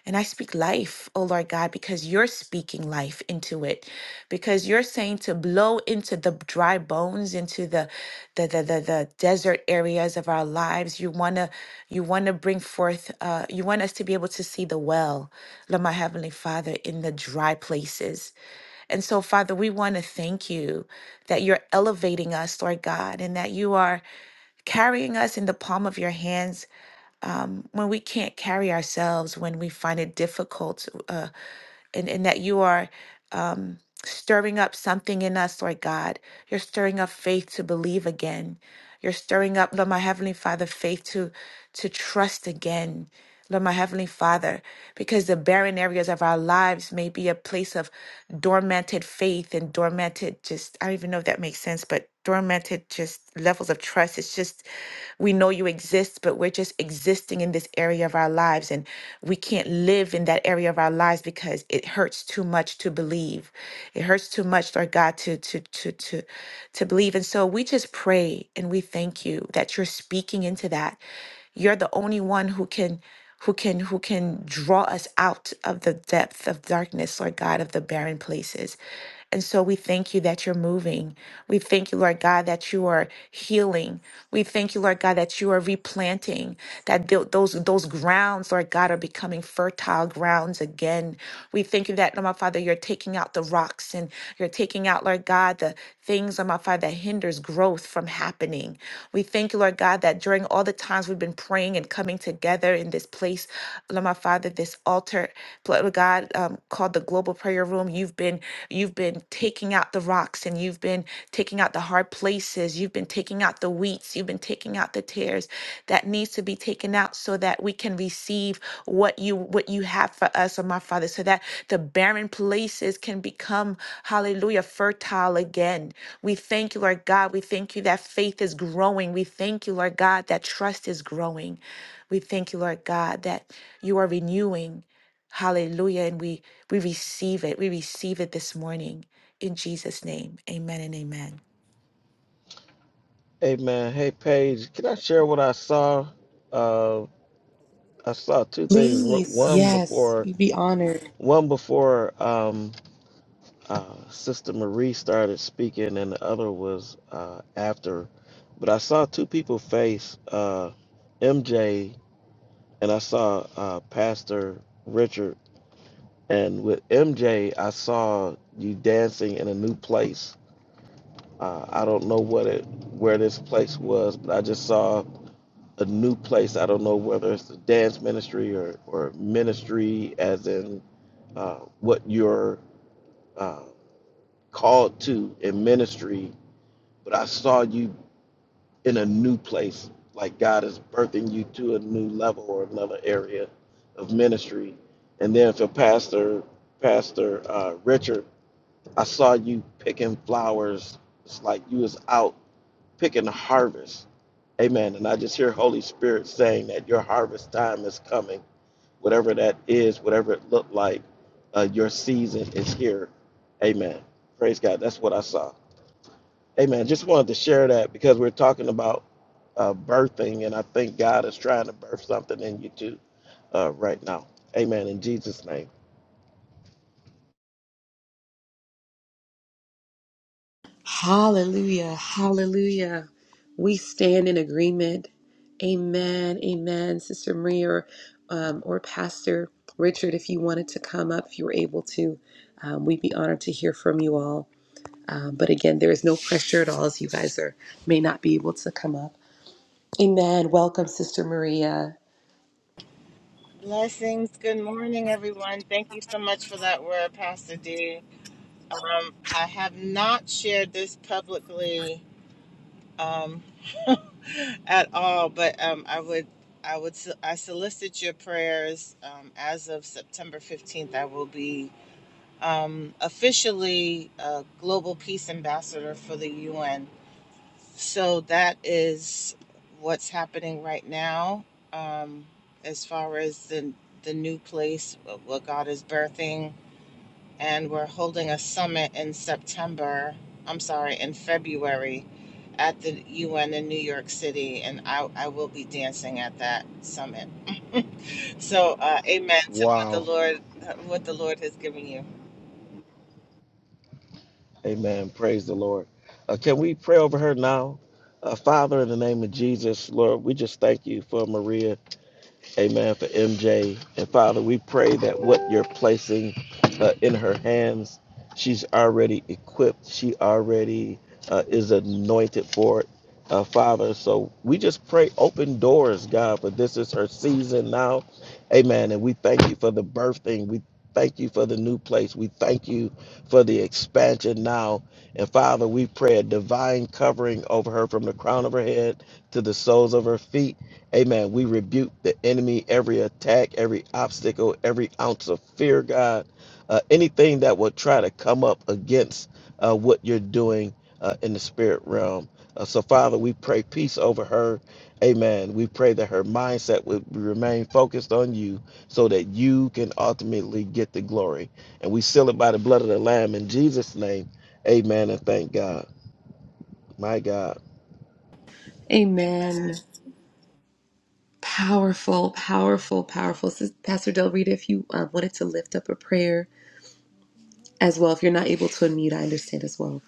F: And I speak life, oh Lord God, because you're speaking life into it. Because you're saying to blow into the dry bones, into the the the the, the desert areas of our lives. You wanna you wanna bring forth uh you want us to be able to see the well, Lord my Heavenly Father, in the dry places. And so, Father, we want to thank you that you're elevating us, Lord God, and that you are carrying us in the palm of your hands when we can't carry ourselves, when we find it difficult, uh, and, and that you are um, stirring up something in us, Lord God. You're stirring up faith to believe again. You're stirring up, Lord, my Heavenly Father, faith to to trust again. Lord, my Heavenly Father, because the barren areas of our lives may be a place of dormanted faith and dormanted, just, I don't even know if that makes sense, but dormanted just levels of trust. It's just we know you exist, but we're just existing in this area of our lives, and we can't live in that area of our lives because it hurts too much to believe. It hurts too much, Lord God, to to to to to believe. And so we just pray and we thank you that you're speaking into that. You're the only one who can who can who can draw us out of the depth of darkness, Lord God, of the barren places. And so we thank you that you're moving. We thank you, Lord God, that you are healing. We thank you, Lord God, that you are replanting, that tho- those those grounds, Lord God, are becoming fertile grounds again. We thank you that, my Father, you're taking out the rocks blocks and you're taking out, Lord God, the things on my Father that hinders growth from happening. We thank you, Lord God, that during all the times we've been praying and coming together in this place, Lord my Father, this altar, Lord God, um, called the Global Prayer Room, you've been you've been taking out the rocks and you've been taking out the hard places, you've been taking out the weeds, you've been taking out the tears that needs to be taken out so that we can receive what you what you have for us, oh my Father, so that the barren places can become, hallelujah, fertile again. We thank you, Lord God. We thank you that faith is growing. We thank you, Lord God, that trust is growing. We thank you, Lord God, that you are renewing. Hallelujah. And we we receive it. We receive it this morning. In Jesus' name. Amen and amen.
B: Hey man, hey Paige, can I share what I saw? Uh, I saw two things. Ro-
A: Please,
B: One
A: yes,
B: before,
A: we'd be honored.
B: one before um, uh, Sister Marie started speaking, and the other was uh, after. But I saw two people face uh, MJ, and I saw uh, Pastor Richard. And with M J, I saw you dancing in a new place. Uh, I don't know what it, where this place was, but I just saw a new place. I don't know whether it's a dance ministry or, or ministry as in uh, what you're uh, called to in ministry, but I saw you in a new place, like God is birthing you to a new level or another area of ministry. And then for Pastor Pastor uh, Richard, I saw you picking flowers. It's like you was out picking a harvest. Amen. And I just hear Holy Spirit saying that your harvest time is coming whatever that is, whatever it looked like, uh, your season is here. Amen. Praise God. That's what I saw. Amen. Just wanted to share that because we're talking about uh, birthing, and I think God is trying to birth something in you too uh, right now. Amen. In Jesus' name.
A: Hallelujah, hallelujah. We stand in agreement. Amen, amen, Sister Marie or, um, or Pastor Richard, if you wanted to come up, if you were able to, um, we'd be honored to hear from you all. Um, but again, there is no pressure at all as you guys are may not be able to come up. Amen. Welcome, Sister Maria.
G: Blessings. Good morning, everyone. Thank you so much for that word, Pastor D. I have not shared this publicly um, at all, but um, I would, I would, so- I solicit your prayers. Um, as of September fifteenth, I will be um, officially a global peace ambassador for the UN. So that is what's happening right now, um, as far as the the new place, what what God is birthing and we're holding a summit in September. I'm sorry, in February at the UN in New York City, and I, I will be dancing at that summit. So, uh, amen to what the
B: Wow.
G: Lord what the Lord has given you.
B: Amen. Praise the Lord. Uh, can we pray over her now? Uh, Father, in the name of Jesus, Lord, we just thank you for Maria. Amen. For MJ. And Father, we pray that what you're placing uh, in her hands, she's already equipped. She already uh, is anointed for it. Uh, Father, so we just pray open doors, God, for this is her season now. Amen. And we thank you for the birthing. We thank you for the new place. We thank you for the expansion now. And Father, we pray a divine covering over her from the crown of her head to the soles of her feet. Amen. We rebuke the enemy, every attack, every obstacle, every ounce of fear, God, uh, anything that will try to come up against uh, what you're doing uh, in the spirit realm. Uh, so, Father, we pray peace over her. Amen. We pray that her mindset would remain focused on you so that you can ultimately get the glory. And we seal it by the blood of the Lamb in Jesus' name. Amen. And thank God. My God.
G: Amen.
A: Amen. Powerful, powerful, powerful. Sis- Pastor Del Rita, if you um, wanted to lift up a prayer as well, if you're not able to unmute, I understand as well.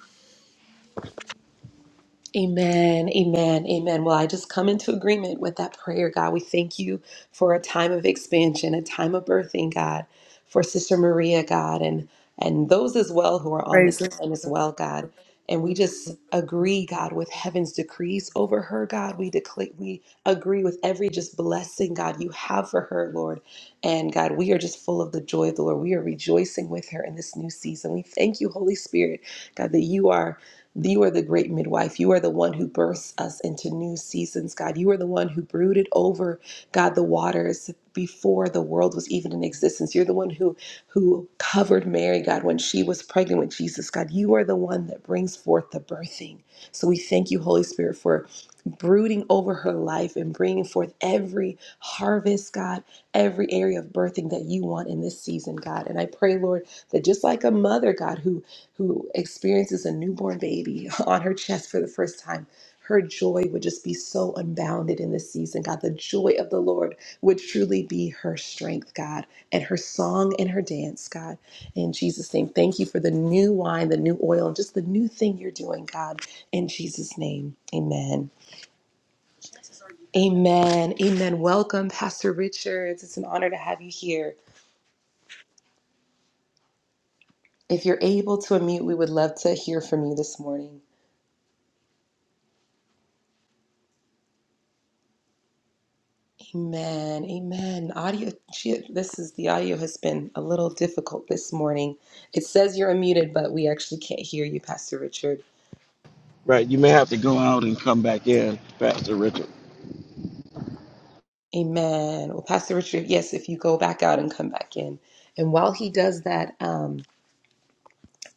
A: Amen, amen, amen. Well, I just come into agreement with that prayer, God. We thank you for a time of expansion, a time of birthing, God, for Sister Maria, God, and and those as well who are on this
D: Praise
A: line as well, God. And we just agree, God, with heaven's decrees over her, God. We declare, we agree with every just blessing, God, you have for her, Lord. And God, we are just full of the joy of the Lord. We are rejoicing with her in this new season. We thank you, Holy Spirit, God, that you are you are the great midwife. You are the one who births us into new seasons, God. You are the one who brooded over, God, the waters before the world was even in existence. You're the one who who covered Mary, God, when she was pregnant with Jesus, God. You are the one that brings forth the birthing. So we thank you, Holy Spirit, for brooding over her life and bringing forth every harvest, God, every area of birthing that you want in this season, God. And I pray, Lord, that just like a mother, God, who who experiences a newborn baby [LAUGHS] on her chest for the first time, her joy would just be so unbounded in this season, God. The joy of the Lord would truly be her strength, God, and her song and her dance, God. In Jesus' name, thank you for the new wine, the new oil, and just the new thing you're doing, God. In Jesus' name, amen. Amen. Amen. Welcome, Pastor Richards. It's an honor to have you here. If you're able to unmute, we would love to hear from you this morning. Amen. Amen. Audio. Gee, this is the audio has been a little difficult this morning. It says you're unmuted, but we actually can't hear you, Pastor Richard.
B: Right. You may have to go out and come back in, Pastor Richard.
A: Amen. Well, Pastor Richard, yes, if you go back out and come back in, and while he does that, um,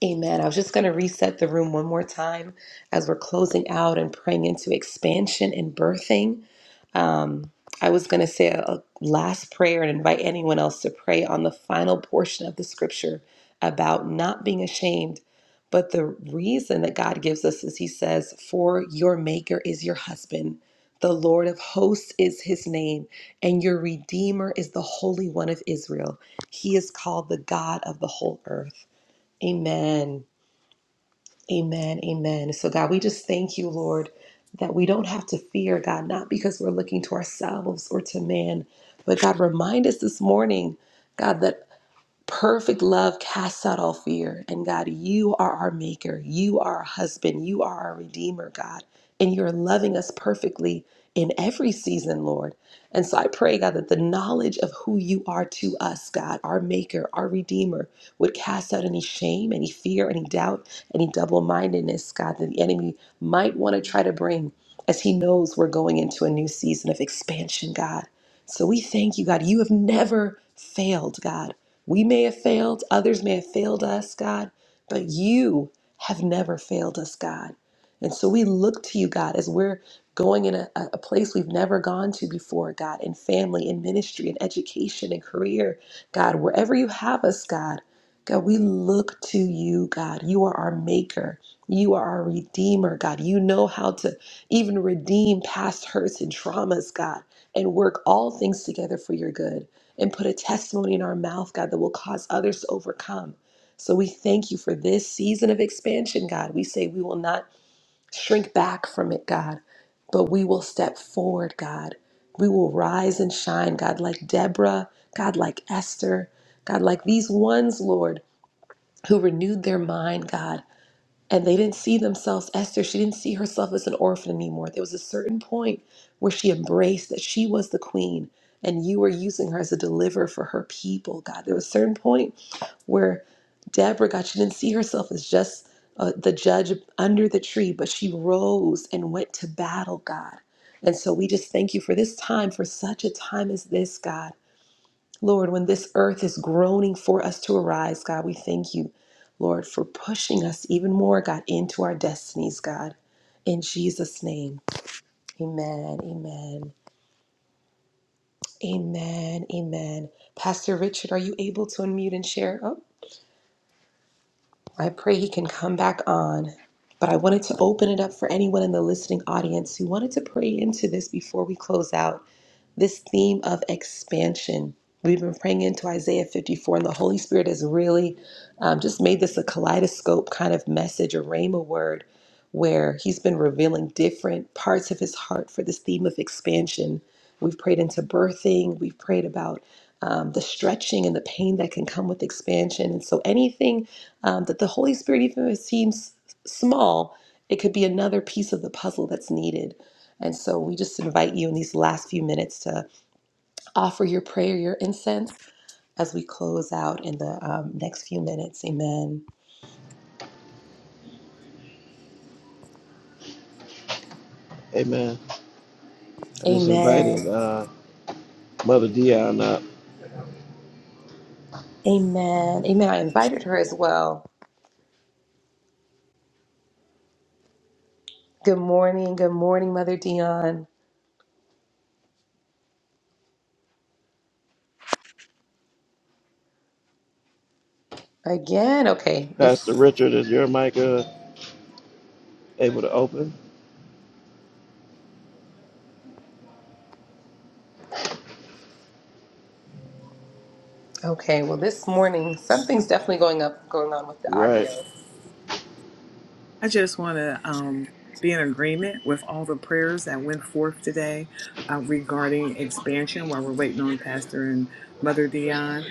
A: Amen. I was just going to reset the room one more time as we're closing out and praying into expansion and birthing. Um, I was going to say a, a last prayer and invite anyone else to pray on the final portion of the scripture about not being ashamed. But the reason that God gives us is He says, For your Maker is your husband, the Lord of hosts is His name, and your Redeemer is the Holy One of Israel. He is called the God of the whole earth. Amen. Amen. Amen. So, God, we just thank you, Lord, that we don't have to fear, God, not because we're looking to ourselves or to man, but God, remind us this morning, God, that Perfect love casts out all fear. And God, you are our maker. You are our husband. You are our redeemer, God. And you're loving us perfectly in every season, Lord. And so I pray, God, that the knowledge of who you are to us, God, our maker, our redeemer, would cast out any shame, any fear, any doubt, any double mindedness, God, that the enemy might want to try to bring as he knows we're going into a new season of expansion, God. So we thank you, God. You have never failed, God. We may have failed, others may have failed us, God, but you have never failed us, God. And so we look to you, God, as we're going in a, a place we've never gone to before, God, in family, in ministry, in education, in career, God, wherever you have us, God. God, we look to you, God. You are our maker. You are our redeemer, God. You know how to even redeem past hurts and traumas, God, and work all things together for your good and put a testimony in our mouth, God, that will cause others to overcome. So we thank you for this season of expansion, God. We say we will not shrink back from it, God, but we will step forward, God. We will rise and shine, God, like Deborah, God, like Esther, God, like these ones, Lord, who renewed their mind, God. And they didn't see themselves, Esther, she didn't see herself as an orphan anymore. There was a certain point where she embraced that she was the queen and you were using her as a deliverer for her people, God. There was a certain point where Deborah, God, she didn't see herself as just uh, the judge under the tree, but she rose and went to battle, God. And so we just thank you for this time, for such a time as this, God. Lord, when this earth is groaning for us to arise, God, we thank you, Lord, for pushing us even more, God, into our destinies, God. In Jesus' name, amen, amen, amen, amen. Pastor Richard, are you able to unmute and share? Oh, I pray he can come back on. But I wanted to open it up for anyone in the listening audience who wanted to pray into this before we close out. this theme of expansion. We've been praying into Isaiah 54, and the Holy Spirit has really um, just made this a kaleidoscope kind of message, a rhema word, where He's been revealing different parts of His heart for this theme of expansion. We've prayed into birthing, we've prayed about um, the stretching and the pain that can come with expansion. And so, anything um, that the Holy Spirit, even if it seems small, it could be another piece of the puzzle that's needed. And so we just invite you in these last few minutes to offer your prayer, your incense, as we close out in the um, next few minutes. Amen.
B: Hey man, I just invited
A: Amen.
B: uh, Mother Dion up.
A: Amen. Amen. I invited her as well. Good morning. Good morning, Mother Dion. Again. Okay.
B: Pastor
A: This.
B: Richard, is your mic uh, able to open?
A: Okay. Well, this morning something's definitely going up, going on with the
B: Right.
A: audio.
D: I just want to um, be in agreement with all the prayers that went forth today uh, regarding expansion while we're waiting on Pastor and Mother Dion.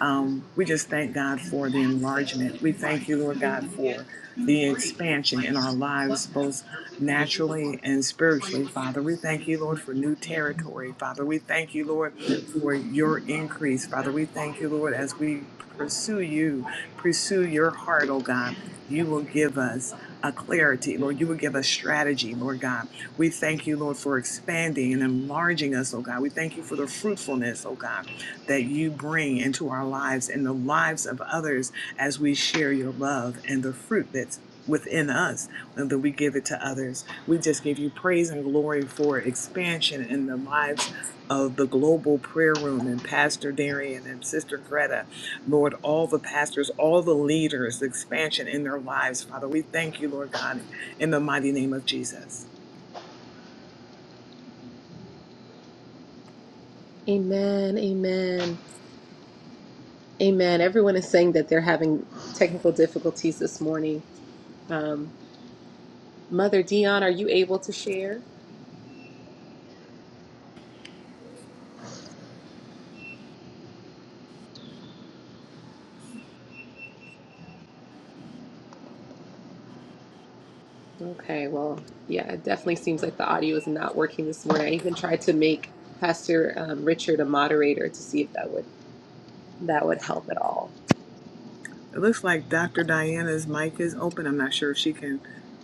D: Um, we just thank God for the enlargement. We thank you, Lord God, for the expansion in our lives, both naturally and spiritually, Father. We thank you, Lord, for new territory, Father. We thank you, Lord, for your increase, Father. We thank you, Lord, as we pursue you, pursue your heart, oh God. You will give us. A clarity. Lord, you would give us strategy, Lord God. We thank you, Lord, for expanding and enlarging us, oh God. We thank you for the fruitfulness, oh God, that you bring into our lives and the lives of others as we share your love and the fruit that's within us and that we give it to others. We just give you praise and glory for expansion in the lives of the global prayer room and Pastor Darian and Sister Greta, Lord, all the pastors, all the leaders, the expansion in their lives, Father. We thank you, Lord God, in the mighty name of Jesus.
A: Amen. Amen. Amen. Everyone is saying that they're having technical difficulties this morning. Um, Mother Dion, are you able to share? Okay, well, yeah, it definitely seems like the audio is not working this morning. I even tried to make Pastor um, Richard a moderator to see if that would that would help at all.
D: It looks like Dr. Diana's mic is open. I'm not sure if she can,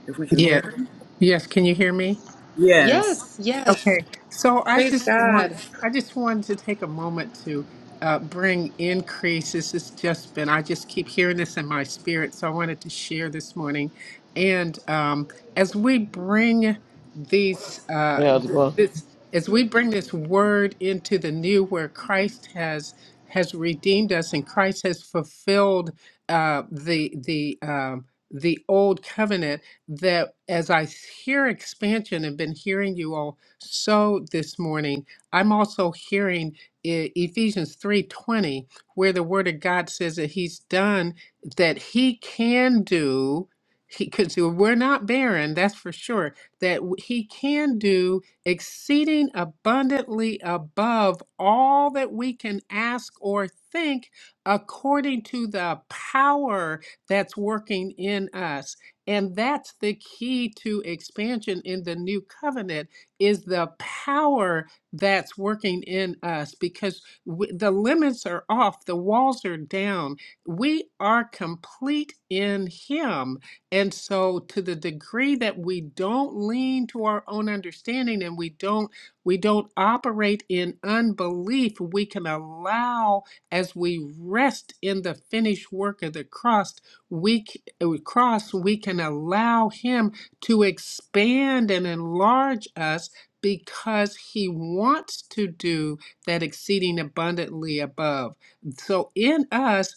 D: if we can hear
H: Yeah.
D: her.
H: Yes. Can you hear me?
D: Yes.
A: Yes, yes.
H: Okay, so I
A: Praise
H: just want
A: God.
H: I just wanted to take a moment to uh, bring increase. This has just been I just keep hearing this in my spirit, so I wanted to share this morning. And um, as we bring these uh,
B: Yeah.
H: th- this as we bring this word into the new, where Christ has has redeemed us and Christ has fulfilled uh, the the um, the old covenant. That as I hear expansion and been hearing you all so this morning. I'm also hearing E- Ephesians 3:20 where the word of God says that he's done that he can do he cuz we're not barren, that's for sure, that w- he can do exceeding abundantly above all that we can ask or think according to the power that's working in us. And that's the key to expansion in the new covenant is the power that's working in us because w the limits are off, the walls are down. We are complete in Him. And so, to the degree that we don't lean to our own understanding and we don't we don't operate in unbelief, we can allow as we rest in the finished work of the cross, we c- uh, cross we can allow Him to expand and enlarge us because he wants to do that exceeding abundantly above. So in us,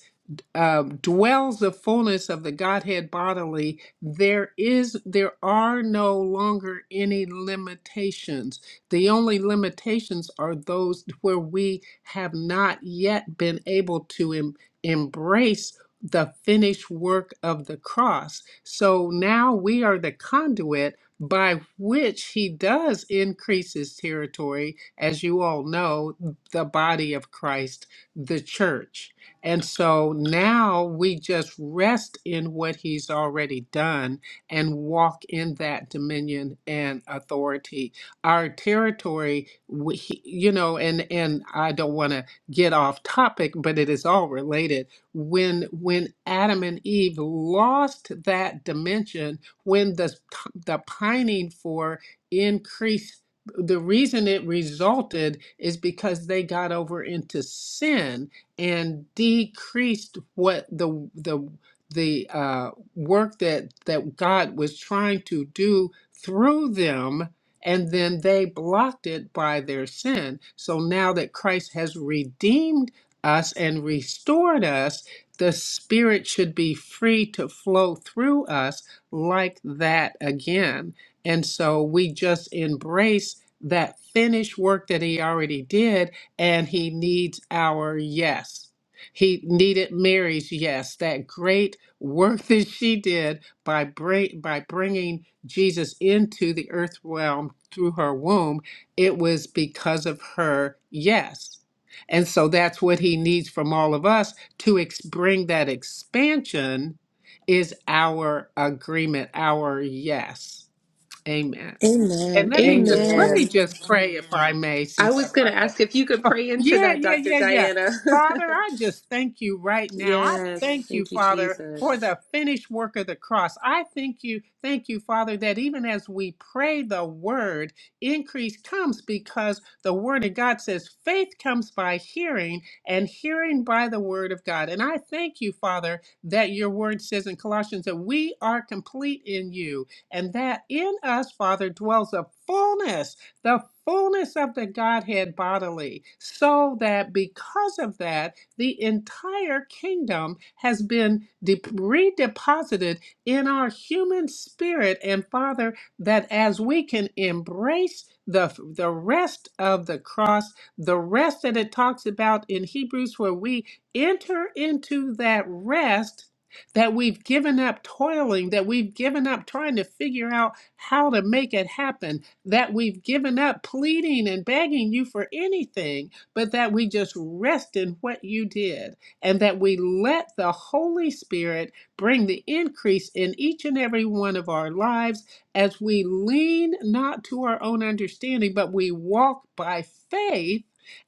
H: uh, dwells the fullness of the Godhead bodily, there is there are no longer any limitations. The only limitations are those where we have not yet been able to em- embrace the finished work of the cross. So now we are the conduit by which he does increase his territory, as you all know, the body of Christ, the church. And so now we just rest in what he's already done and walk in that dominion and authority. Our territory, we, he- you know, and and I don't want to get off topic, but it is all related. When when Adam and Eve lost that dimension, when the the pining for increased the reason it resulted is because they got over into sin and decreased what the the the uh, work that that God was trying to do through them, and then they blocked it by their sin. So now that Christ has redeemed us and restored us, the Spirit should be free to flow through us like that again. And so we just embrace that finished work that He already did and he needs our yes. He needed Mary's yes, that great work [LAUGHS] that she did by bring, by bringing Jesus into the earth realm through her womb. It was because of her yes. And so that's what he needs from all of us to ex- bring that expansion is our agreement, our yes. Amen. And
A: Amen.
H: let me just let
D: Amen.
A: Amen.
H: me just pray if I may,
A: I
H: since I
A: was going to
H: brought
A: ask
H: that.
A: if you could
H: Oh,
A: pray into
H: yeah,
A: that,
H: yeah,
A: Dr.
H: yeah, yeah.
A: Diana.
H: Father, I just thank you right
A: [LAUGHS]
H: now. I
A: yes.
H: thank you,
A: Thank you,
H: Father,
A: Jesus.
H: for the finished work of the cross. I thank you, thank you, Father, that even as we pray the word, increase comes because the word of God says faith comes by hearing and hearing by the word of God. And I thank you, Father, that your word says in Colossians that we are complete in you and that in us, Father, dwells the fullness, the fullness of the Godhead bodily, so that because of that, the entire kingdom has been de- redeposited in our human spirit. And Father, that as we can embrace the, the rest of the cross, the rest that it talks about in Hebrews, where we enter into that rest that we've given up toiling, that we've given up trying to figure out how to make it happen, that we've given up pleading and begging you for anything, but that we just rest in what you did and that we let the Holy Spirit bring the increase in each and every one of our lives as we lean not to our own understanding, but we walk by faith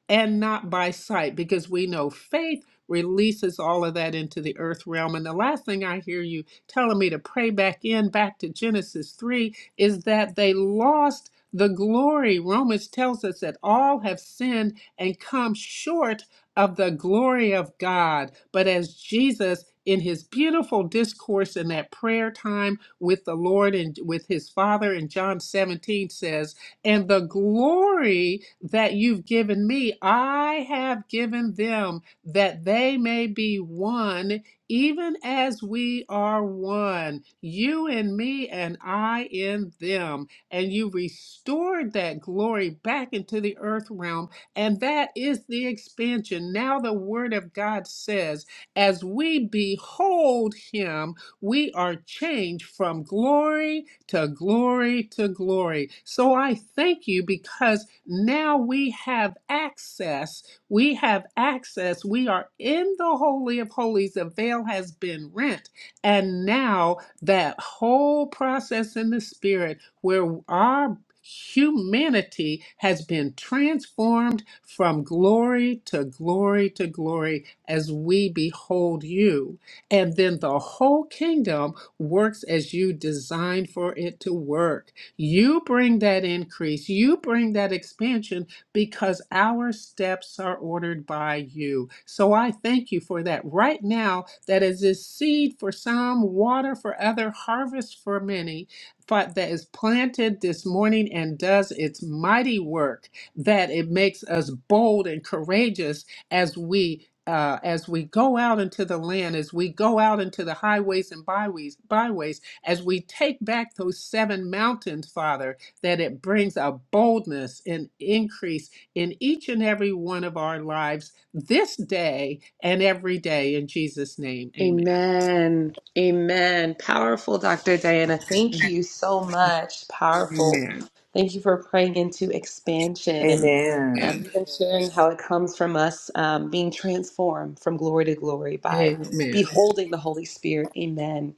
H: and not by sight because we know faith releases all of that into the earth realm. And the last thing I hear you telling me to pray back in, back to Genesis 3, is that they lost the glory. Romans tells us that all have sinned and come short of the glory of God. But as Jesus, in his beautiful discourse in that prayer time with the Lord and with his Father in John 17 says, And the glory that you've given me, I have given them that they may be one, even as we are one, you and me and I in them. And you restored that glory back into the earth realm. And that is the expansion. Now, the word of God says, as we behold him, we are changed from glory to glory to glory. So I thank you because now we have access we have access. We are in the Holy of Holies. The veil has been rent. And now that whole process in the Spirit where our humanity has been transformed from glory to glory to glory as we behold you. And then the whole kingdom works as you designed for it to work. You bring that increase, you bring that expansion because our steps are ordered by you. So I thank you for that right now, that is this seed for some, water for other, harvest for many, but that is planted this morning and does its mighty work, that it makes us bold and courageous as we. Uh, as we go out into the land, as we go out into the highways and byways, byways, as we take back those seven mountains, Father, that it brings a boldness and increase in each and every one of our lives this day and every day. In Jesus' name, amen.
A: Amen. Amen. Powerful, Dr. Diana. Thank you so much. Powerful.
H: Amen.
A: Thank you for praying into expansion and
D: Amen.
A: and
H: Amen.
A: even sharing how it comes from us um, being transformed from glory to glory by
H: Amen.
A: beholding the Holy Spirit. Amen.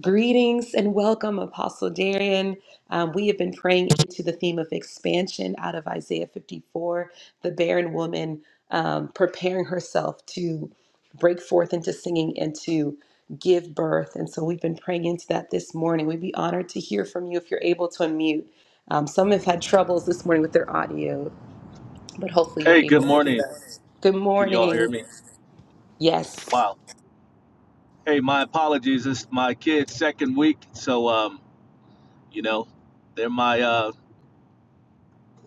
A: Greetings and welcome, Apostle Darian. Um, we have been praying into the theme of expansion out of Isaiah 54, the barren woman um, preparing herself to break forth into singing and to give birth. And so we've been praying into that this morning. We'd be honored to hear from you if you're able to unmute. Um, some have had troubles this morning with their audio, but hopefully you're
I: Hey, good
A: able to hear
I: morning.
A: us. Good
I: Can you all hear
A: morning.
I: me?
A: Yes.
I: Wow. Hey, my apologies. It's my kid's second week, so um, you know, they're my uh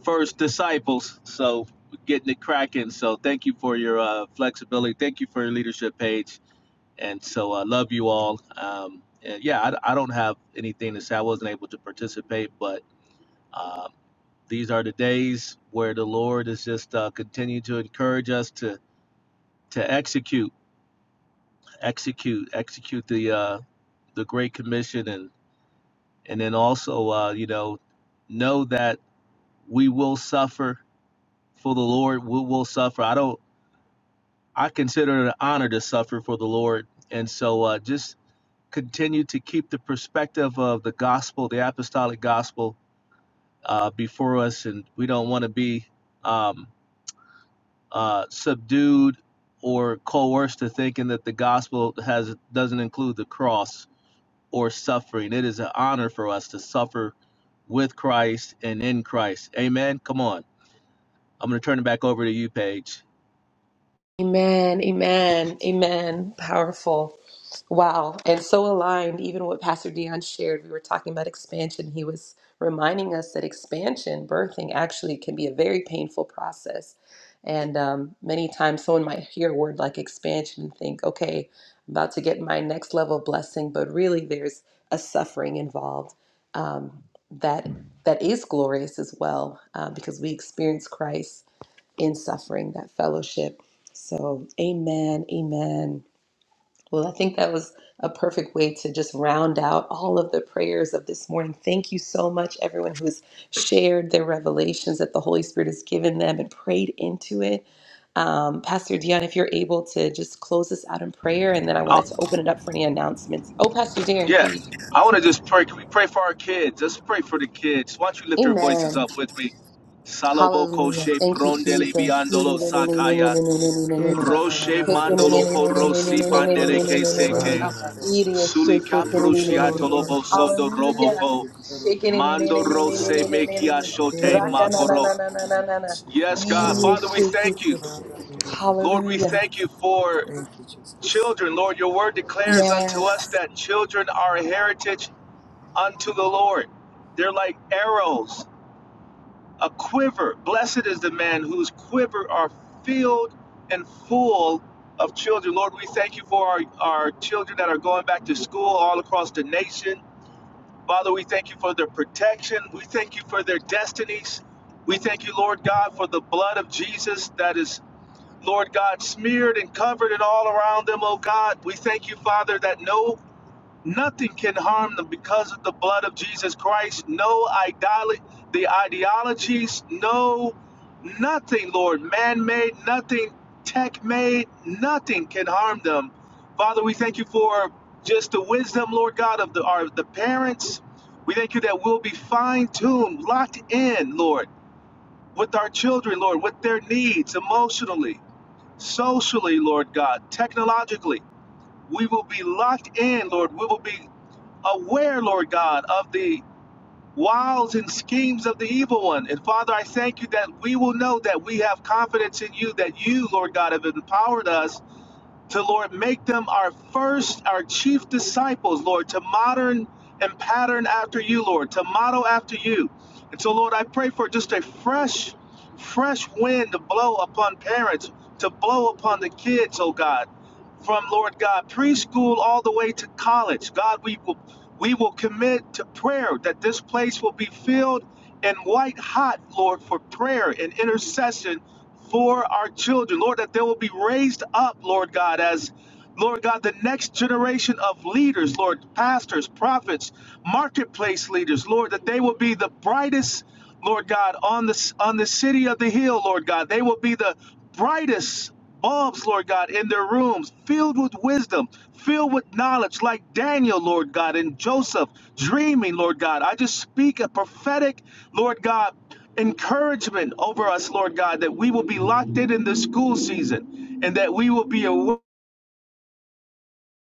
I: first disciples, so we're getting it cracking. So thank you for your uh flexibility. Thank you for your leadership Paige. And so I love you all. Um, and yeah, I, I don't have anything to say. I wasn't able to participate, but um, these are the days where the Lord is just uh, continue to encourage us to to execute, execute, execute the uh the Great Commission, and and then also, uh, you know, know that we will suffer for the Lord. We will suffer. I don't. I consider it an honor to suffer for the Lord, and so uh, just continue to keep the perspective of the gospel, the apostolic gospel, uh, before us, and we don't want to be um, uh, subdued or coerced to thinking that the gospel has doesn't include the cross or suffering. It is an honor for us to suffer with Christ and in Christ. Amen. Come on. I'm going to turn it back over to you, Paige.
A: Amen, amen, amen. Powerful. Wow. And so aligned, even what Pastor Dion shared. We were talking about expansion. He was reminding us that expansion, birthing, actually can be a very painful process. And um, many times someone might hear a word like expansion and think, okay, I'm about to get my next level blessing, but really there's a suffering involved um, that that is glorious as well uh, because we experience Christ in suffering, that fellowship. So, amen, amen. Well, I think that was a perfect way to just round out all of the prayers of this morning. Thank you so much, everyone who's shared their revelations that the Holy Spirit has given them and prayed into it. Um, Pastor Dion, if you're able to just close us out in prayer, and then I wanted
I: Oh,
A: to open it up for any announcements. Oh, Pastor Darren,
I: yeah.
A: please.
I: I want to just pray. Can we pray for our kids? Let's pray for the kids. Why don't you lift your voices
A: Amen.
I: up with me? Salobo
A: Hallelujah.
I: koshe
A: Thank you,
I: prondele
A: Jesus.
I: biandolo sakaya.
A: [LAUGHS]
I: Roshe
A: Idiot,
I: mandolo korosi bandele
B: Ra
I: kesete.
B: na na ma ma ma ma.
I: Suli
A: shake
B: She te
I: kaprushi
B: ke re ba.
I: atolobo sondo
A: hallelujah,
I: roboko.
A: shake
I: Mando
D: [LAUGHS]
I: rose
B: Ra ba ba ba.
I: mekia
A: it,
B: She
I: shote
B: te
A: raka
B: ke.
A: na
D: Hallelujah.
A: na
I: makoro.
A: na
I: Yes, God.
B: Ra na
I: Father,
B: na
I: we
B: na ma
A: shake
B: ma
I: thank
B: ma.
I: you.
A: it,
B: She te ke re ba.
I: Lord, we
A: hallelujah,
I: thank you for.
D: Thank you, Jesus.
I: Children, Lord, your word declares unto us that children are a heritage unto the Lord. They're like arrows, a quiver. Blessed is the man whose quiver are filled and full of children. Lord, we thank you for our, our children that are going back to school all across the nation. Father, we thank you for their protection. We thank you for their destinies. We thank you, Lord God, for the blood of Jesus that is Lord God, smeared and covered it all around them, oh God. We thank you, Father, that no nothing can harm them because of the blood of Jesus Christ. No idol the ideologies, no nothing, Lord, man-made, nothing tech-made, nothing can harm them. Father, we thank you for just the wisdom, Lord God, of the our, the parents. We thank you that we'll be fine-tuned, locked in, Lord, with our children, Lord, with their needs emotionally socially, Lord God, technologically. We will be locked in, Lord. We will be aware, Lord God, of the wiles and schemes of the evil one. And Father, I thank you that we will know that we have confidence in you, that you, Lord God, have empowered us to Lord make them our first, our chief disciples, Lord, to modern and pattern after you, Lord, to model after you. And so, Lord, I pray for just a fresh, fresh wind to blow upon parents, to blow upon the kids, oh God from Lord God preschool all the way to college. God, we will we will commit to prayer that this place will be filled and white hot, Lord, for prayer and intercession for our children. Lord, that they will be raised up, Lord God, as Lord God, the next generation of leaders, Lord, pastors, prophets, marketplace leaders, Lord, that they will be the brightest, Lord God, on the on the city of the hill, Lord God. They will be the brightest bulbs, Lord God, in their rooms, filled with wisdom, filled with knowledge, like Daniel, Lord God, and Joseph, dreaming, Lord God. I just speak a prophetic, Lord God, encouragement over us, Lord God, that we will be locked in in this school season and that we will be aware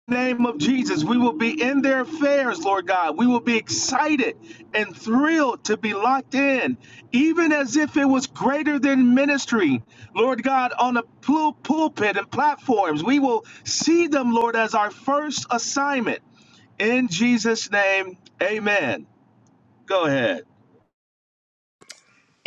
I: name of Jesus, we will be in their affairs, Lord God. We will be excited and thrilled to be locked in, even as if it was greater than ministry, Lord God, on a pul- pulpit and platforms. We will see them, Lord, as our first assignment. In Jesus' name, amen. Go ahead.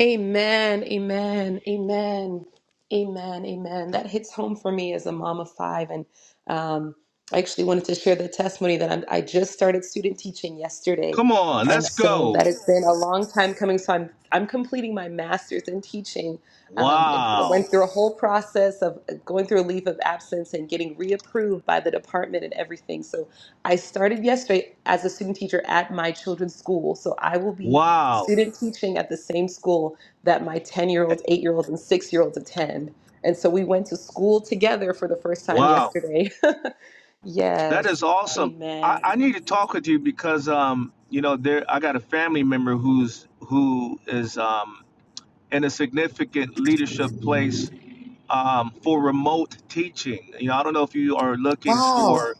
A: Amen, amen, amen, amen, amen. That hits home for me as a mom of five. And um, I actually wanted to share the testimony that I'm, I just started student teaching yesterday.
I: Come on,
A: And
I: let's
A: so that
I: go.
A: has been a long time coming. So I'm, I'm completing my master's in teaching. Um, it I went
I: Wow.
A: through a whole process of uh, going through a leave of absence and getting reapproved by the department and everything. So I started yesterday as a student teacher at my children's school. So I will be
I: Wow.
A: student teaching at the same school that my 10 year old, 8 year old, and 6 year olds attend. And so we went to school together for the first time
I: Wow.
A: yesterday. [LAUGHS]
I: That
A: yes.
I: is awesome. I,
A: Amen.
I: I need to talk with you because um, you know, there I got a family member who's who is um in a significant leadership place um for remote teaching. You know, I don't know if you are looking
A: Wow.
I: for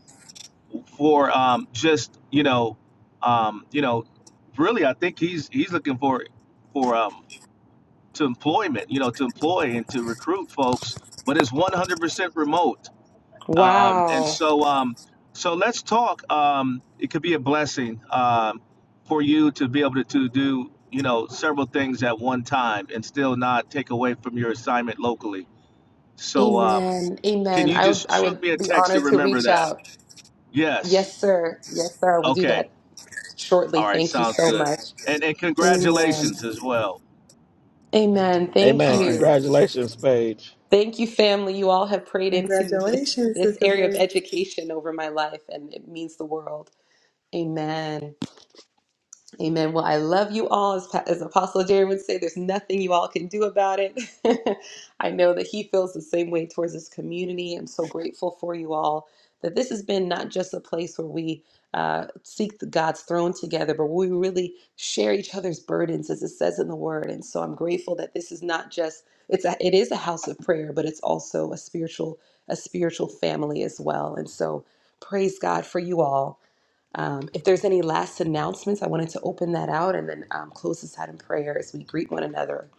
I: for um just, you know, um, you know, really I think he's he's looking for for um to employment, you know, to employ and to recruit folks, but it's 100% remote. Um, and
A: Wow.
I: so, um, so let's talk. Um, it could be a blessing um, for you to be able to, to do, you know, several things at one time and still not take away from your assignment locally. So, um,
A: Amen.
I: can
A: Amen.
I: you
A: I would
I: just
A: I
I: shoot
A: would
I: me a
A: be
I: text to
A: honored to
I: remember
A: reach
I: that?
A: out.
I: Yes.
A: Yes, sir. Yes, sir. I will do
I: Okay.
A: that shortly.
I: All right.
A: Thank you
I: Sounds
A: so
I: good.
A: much.
I: And and
A: Amen.
I: congratulations as well.
A: Amen.
B: Hey
A: Thank
B: man,
I: All right.
A: you.
B: congratulations, Paige.
A: Thank you, family. You all have prayed into this
D: Congratulations,
A: this
D: Sister
A: area of
D: Paige.
A: education over my life and it means the world. Amen. Amen. Well, I love you all. As, Pa- as Apostle Jerry would say, there's nothing you all can do about it. [LAUGHS] I know that he feels the same way towards this community. I'm so grateful for you all that this has been not just a place where we uh, seek the- God's throne together, but we really share each other's burdens, as it says in the Word. And so I'm grateful that this is not just it's a, it is a house of prayer, but it's also a spiritual a spiritual family as well. And so praise God for you all. Um, if there's any last announcements, I wanted to open that out and then um, close this out in prayer as we greet one another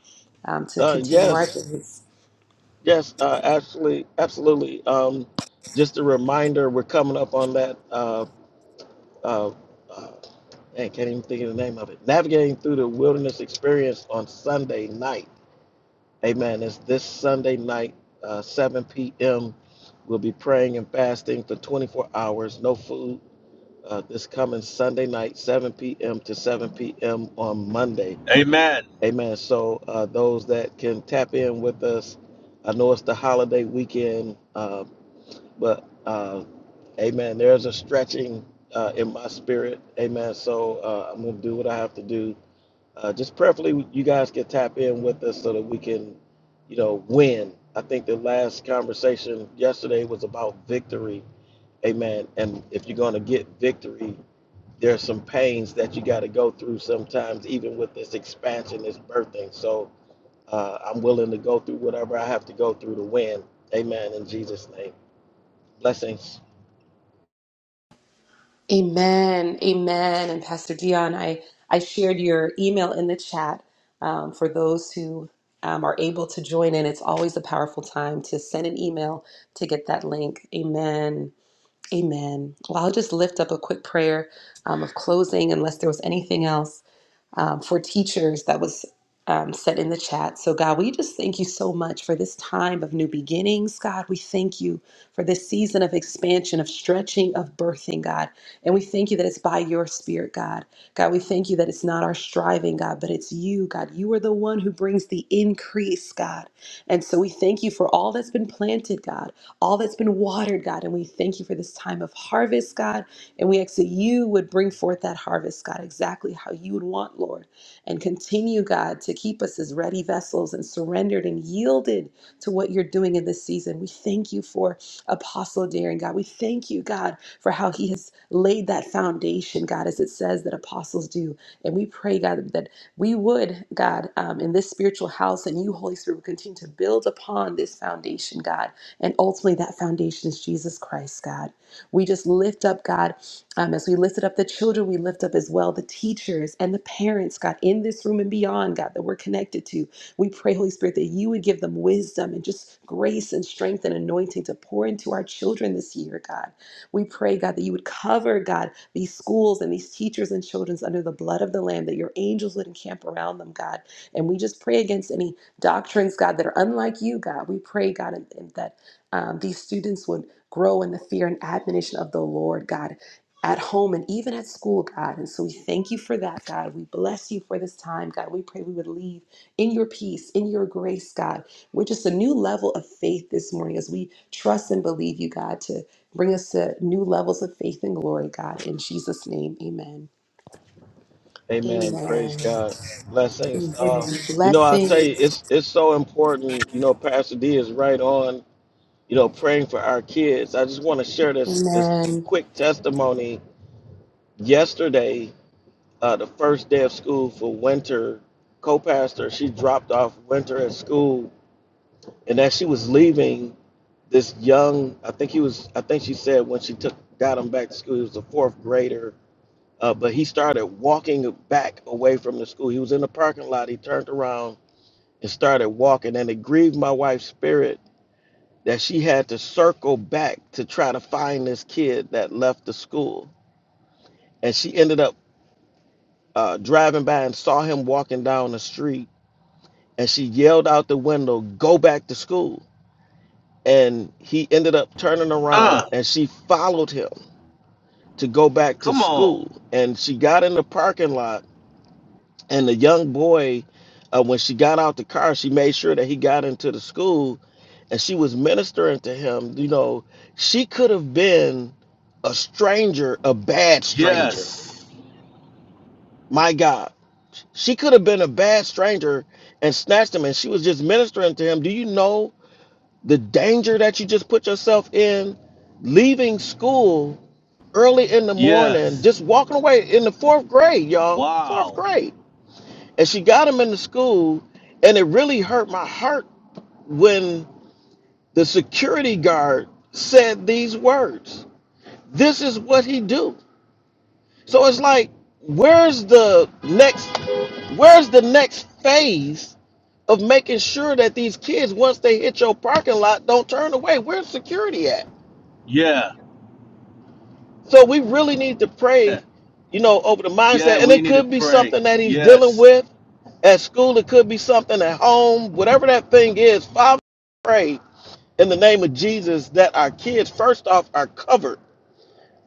A: um, to
B: Uh,
A: continue our
B: yes,
A: days.
B: yes, uh, absolutely, absolutely. Um, just a reminder, we're coming up on that uh, uh, uh, Man, can't even think of the name of it. Navigating through the wilderness experience on Sunday night. Amen. It's this Sunday night, uh, 7 p.m. We'll be praying and fasting for 24 hours, no food. Uh, this coming Sunday night, 7 p.m. to 7 p.m. on Monday.
I: Amen.
B: Amen. So uh, those that can tap in with us, I know it's the holiday weekend, uh, but uh, Amen. There's a stretching uh, in my spirit. Amen. So uh, I'm going to do what I have to do uh, just preferably, you guys can tap in with us so that we can, you know, win. I think the last conversation yesterday was about victory. Amen. And if you're going to get victory, there's some pains that you got to go through sometimes, even with this expansion, this birthing. So uh, I'm willing to go through whatever I have to go through to win. Amen. In Jesus' name. Blessings.
A: Amen. Amen. And Pastor Dion, I, I shared your email in the chat um, for those who um, are able to join in. It's always a powerful time to send an email to get that link. Amen. Amen. Well, I'll just lift up a quick prayer um, of closing, unless there was anything else. um, for teachers that was um, set in the chat. So, God, we just thank you so much for this time of new beginnings. God, we thank you for this season of expansion, of stretching, of birthing, God. And we thank you that it's by your spirit, God. God, we thank you that it's not our striving, God, but it's you, God. You are the one who brings the increase, God. And so we thank you for all that's been planted, God, all that's been watered, God. And we thank you for this time of harvest, God. And we ask that you would bring forth that harvest, God, exactly how you would want, Lord, and continue, God, to keep us as ready vessels and surrendered and yielded to what you're doing in this season. We thank you for Apostle Daring, God. We thank you, God, for how he has laid that foundation, God, as it says that apostles do. And we pray, God, that we would, God, um, in this spiritual house and you, Holy Spirit, would continue to build upon this foundation, God. And ultimately, that foundation is Jesus Christ, God. We just lift up, God. Um, as we lifted up the children, we lift up as well the teachers and the parents, God, in this room and beyond, God, that we're connected to. We pray, Holy Spirit, that you would give them wisdom and just grace and strength and anointing to pour into our children this year, God. We pray, God, that you would cover, God, these schools and these teachers and children's under the blood of the Lamb, that your angels would encamp around them, God. And we just pray against any doctrines, God, that are unlike you, God. We pray, God, and, and that um, these students would grow in the fear and admonition of the Lord, God at home and even at school, God. And so we thank you for that, God. We bless you for this time, God. We pray we would leave in your peace, in your grace, God. We're just a new level of faith this morning as we trust and believe you, God, to bring us to new levels of faith and glory, God. In Jesus' name, amen.
B: Amen. Praise
A: Amen.
B: God. Blessings.
A: amen.
B: Uh,
D: Amen.
B: you know, I'll tell you,
A: Blessings.
B: it's it's so important. You know, Pastor D is right on you know, praying for our kids. I just want to share this this
A: Amen.
B: quick testimony. Yesterday, uh, the first day of school for winter, co-pastor she dropped off winter at school, and as she was leaving, this young I think he was I think she said when she took got him back to school he was a fourth grader, uh, but he started walking back away from the school. He was in the parking lot. He turned around and started walking, and it grieved my wife's spirit that she had to circle back to try to find this kid that left the school. And she ended up uh, driving by and saw him walking down the street. And she yelled out the window, Go back to school. And he ended up turning around
I: Uh,
B: and she followed him to go back to
I: come on.
B: school. And she got in the parking lot And the young boy, uh, when she got out the car, she made sure that he got into the school and she was ministering to him. You know, she could have been a stranger, a bad stranger.
I: Yes.
B: My God. She could have been a bad stranger and snatched him and she was just ministering to him. Do you know the danger that you just put yourself in leaving school early in the morning,
I: Yes.
B: just walking away in the fourth grade, y'all? Fourth
I: Wow.
B: grade and she got him into school and it really hurt my heart when the security guard said these words this is what he do so it's like where's the next where's the next phase of making sure that these kids once they hit your parking lot don't turn away where's security at
I: Yeah.
B: So we really need to pray, you know, over the
I: Yeah,
B: mindset. And
I: we
B: it
I: need to
B: could be
I: pray.
B: something that he's dealing
I: Yes.
B: with at school, it could be something at home, whatever that thing is. Father, pray in the name of Jesus that our kids, first off, are covered.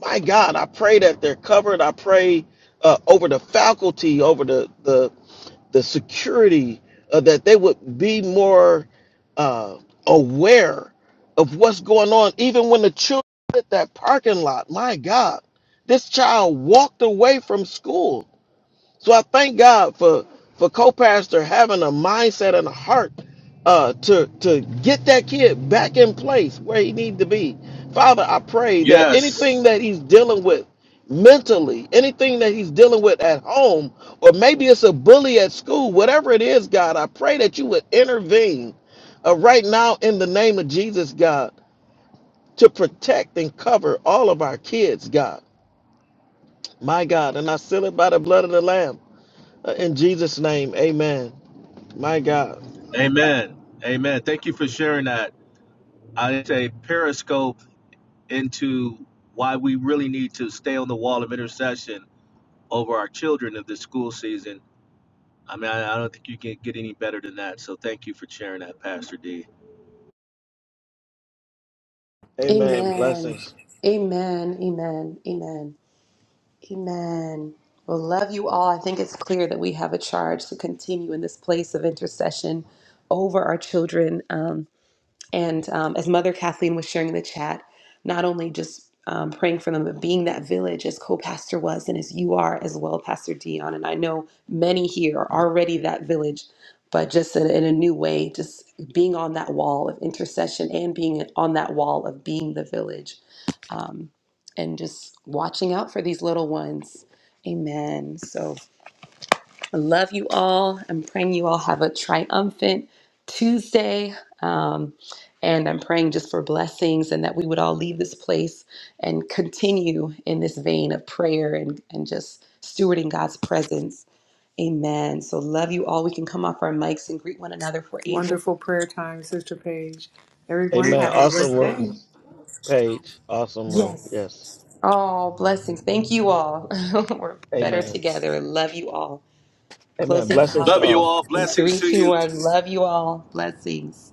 B: My God, I pray that they're covered. I pray uh, over the faculty, over the, the the security uh, that they would be more uh, aware of what's going on even when the children at that parking lot my god this child walked away from school so I thank God for for co-pastor having a mindset and a heart uh, to to get that kid back in place where he needs to be. Father, I pray that anything
I: Yes.
B: that he's dealing with mentally, anything that he's dealing with at home, or maybe it's a bully at school, whatever it is, God, I pray that you would intervene uh, right now in the name of Jesus, God, to protect and cover all of our kids, God. My God, and I seal it by the blood of the Lamb. Uh, In Jesus' name, amen. My God,
I: Amen. Amen. Thank you for sharing that. I say periscope into why we really need to stay on the wall of intercession over our children of this school season. I mean, I, I don't think you can get any better than that. So thank you for sharing that, Pastor D.
B: amen.
A: Amen.
B: Blessings.
A: Amen. Amen. Amen. Amen. Well, love you all. I think it's clear that we have a charge to continue in this place of intercession over our children. Um, and um, as Mother Kathleen was sharing in the chat, not only just um, praying for them, but being that village as co pastor was and as you are as well, Pastor Dion. And I know many here are already that village, but just in, in a new way, just being on that wall of intercession and being on that wall of being the village um, and just watching out for these little ones. Amen. So. I love you all. I'm praying you all have a triumphant Tuesday. Um, and I'm praying just for blessings and that we would all leave this place and continue in this vein of prayer and, and just stewarding God's presence. Amen. So, love you all. We can come off our mics and greet one another if we're able.
D: Wonderful prayer time, Sister Paige. Everyone,
B: Amen.
D: have a
B: Awesome
D: blessed day.
B: room, Paige. Awesome room. Yes.
A: Oh, blessings. Thank you all. [LAUGHS] we're better
B: Amen.
A: together. Love you all.
B: Amen.
A: Closing
B: Blessings to
A: out
I: Love you
B: all.
I: all.
A: in
I: Blessings
A: three,
I: to
A: two,
I: you.
A: one. Love you all. Blessings.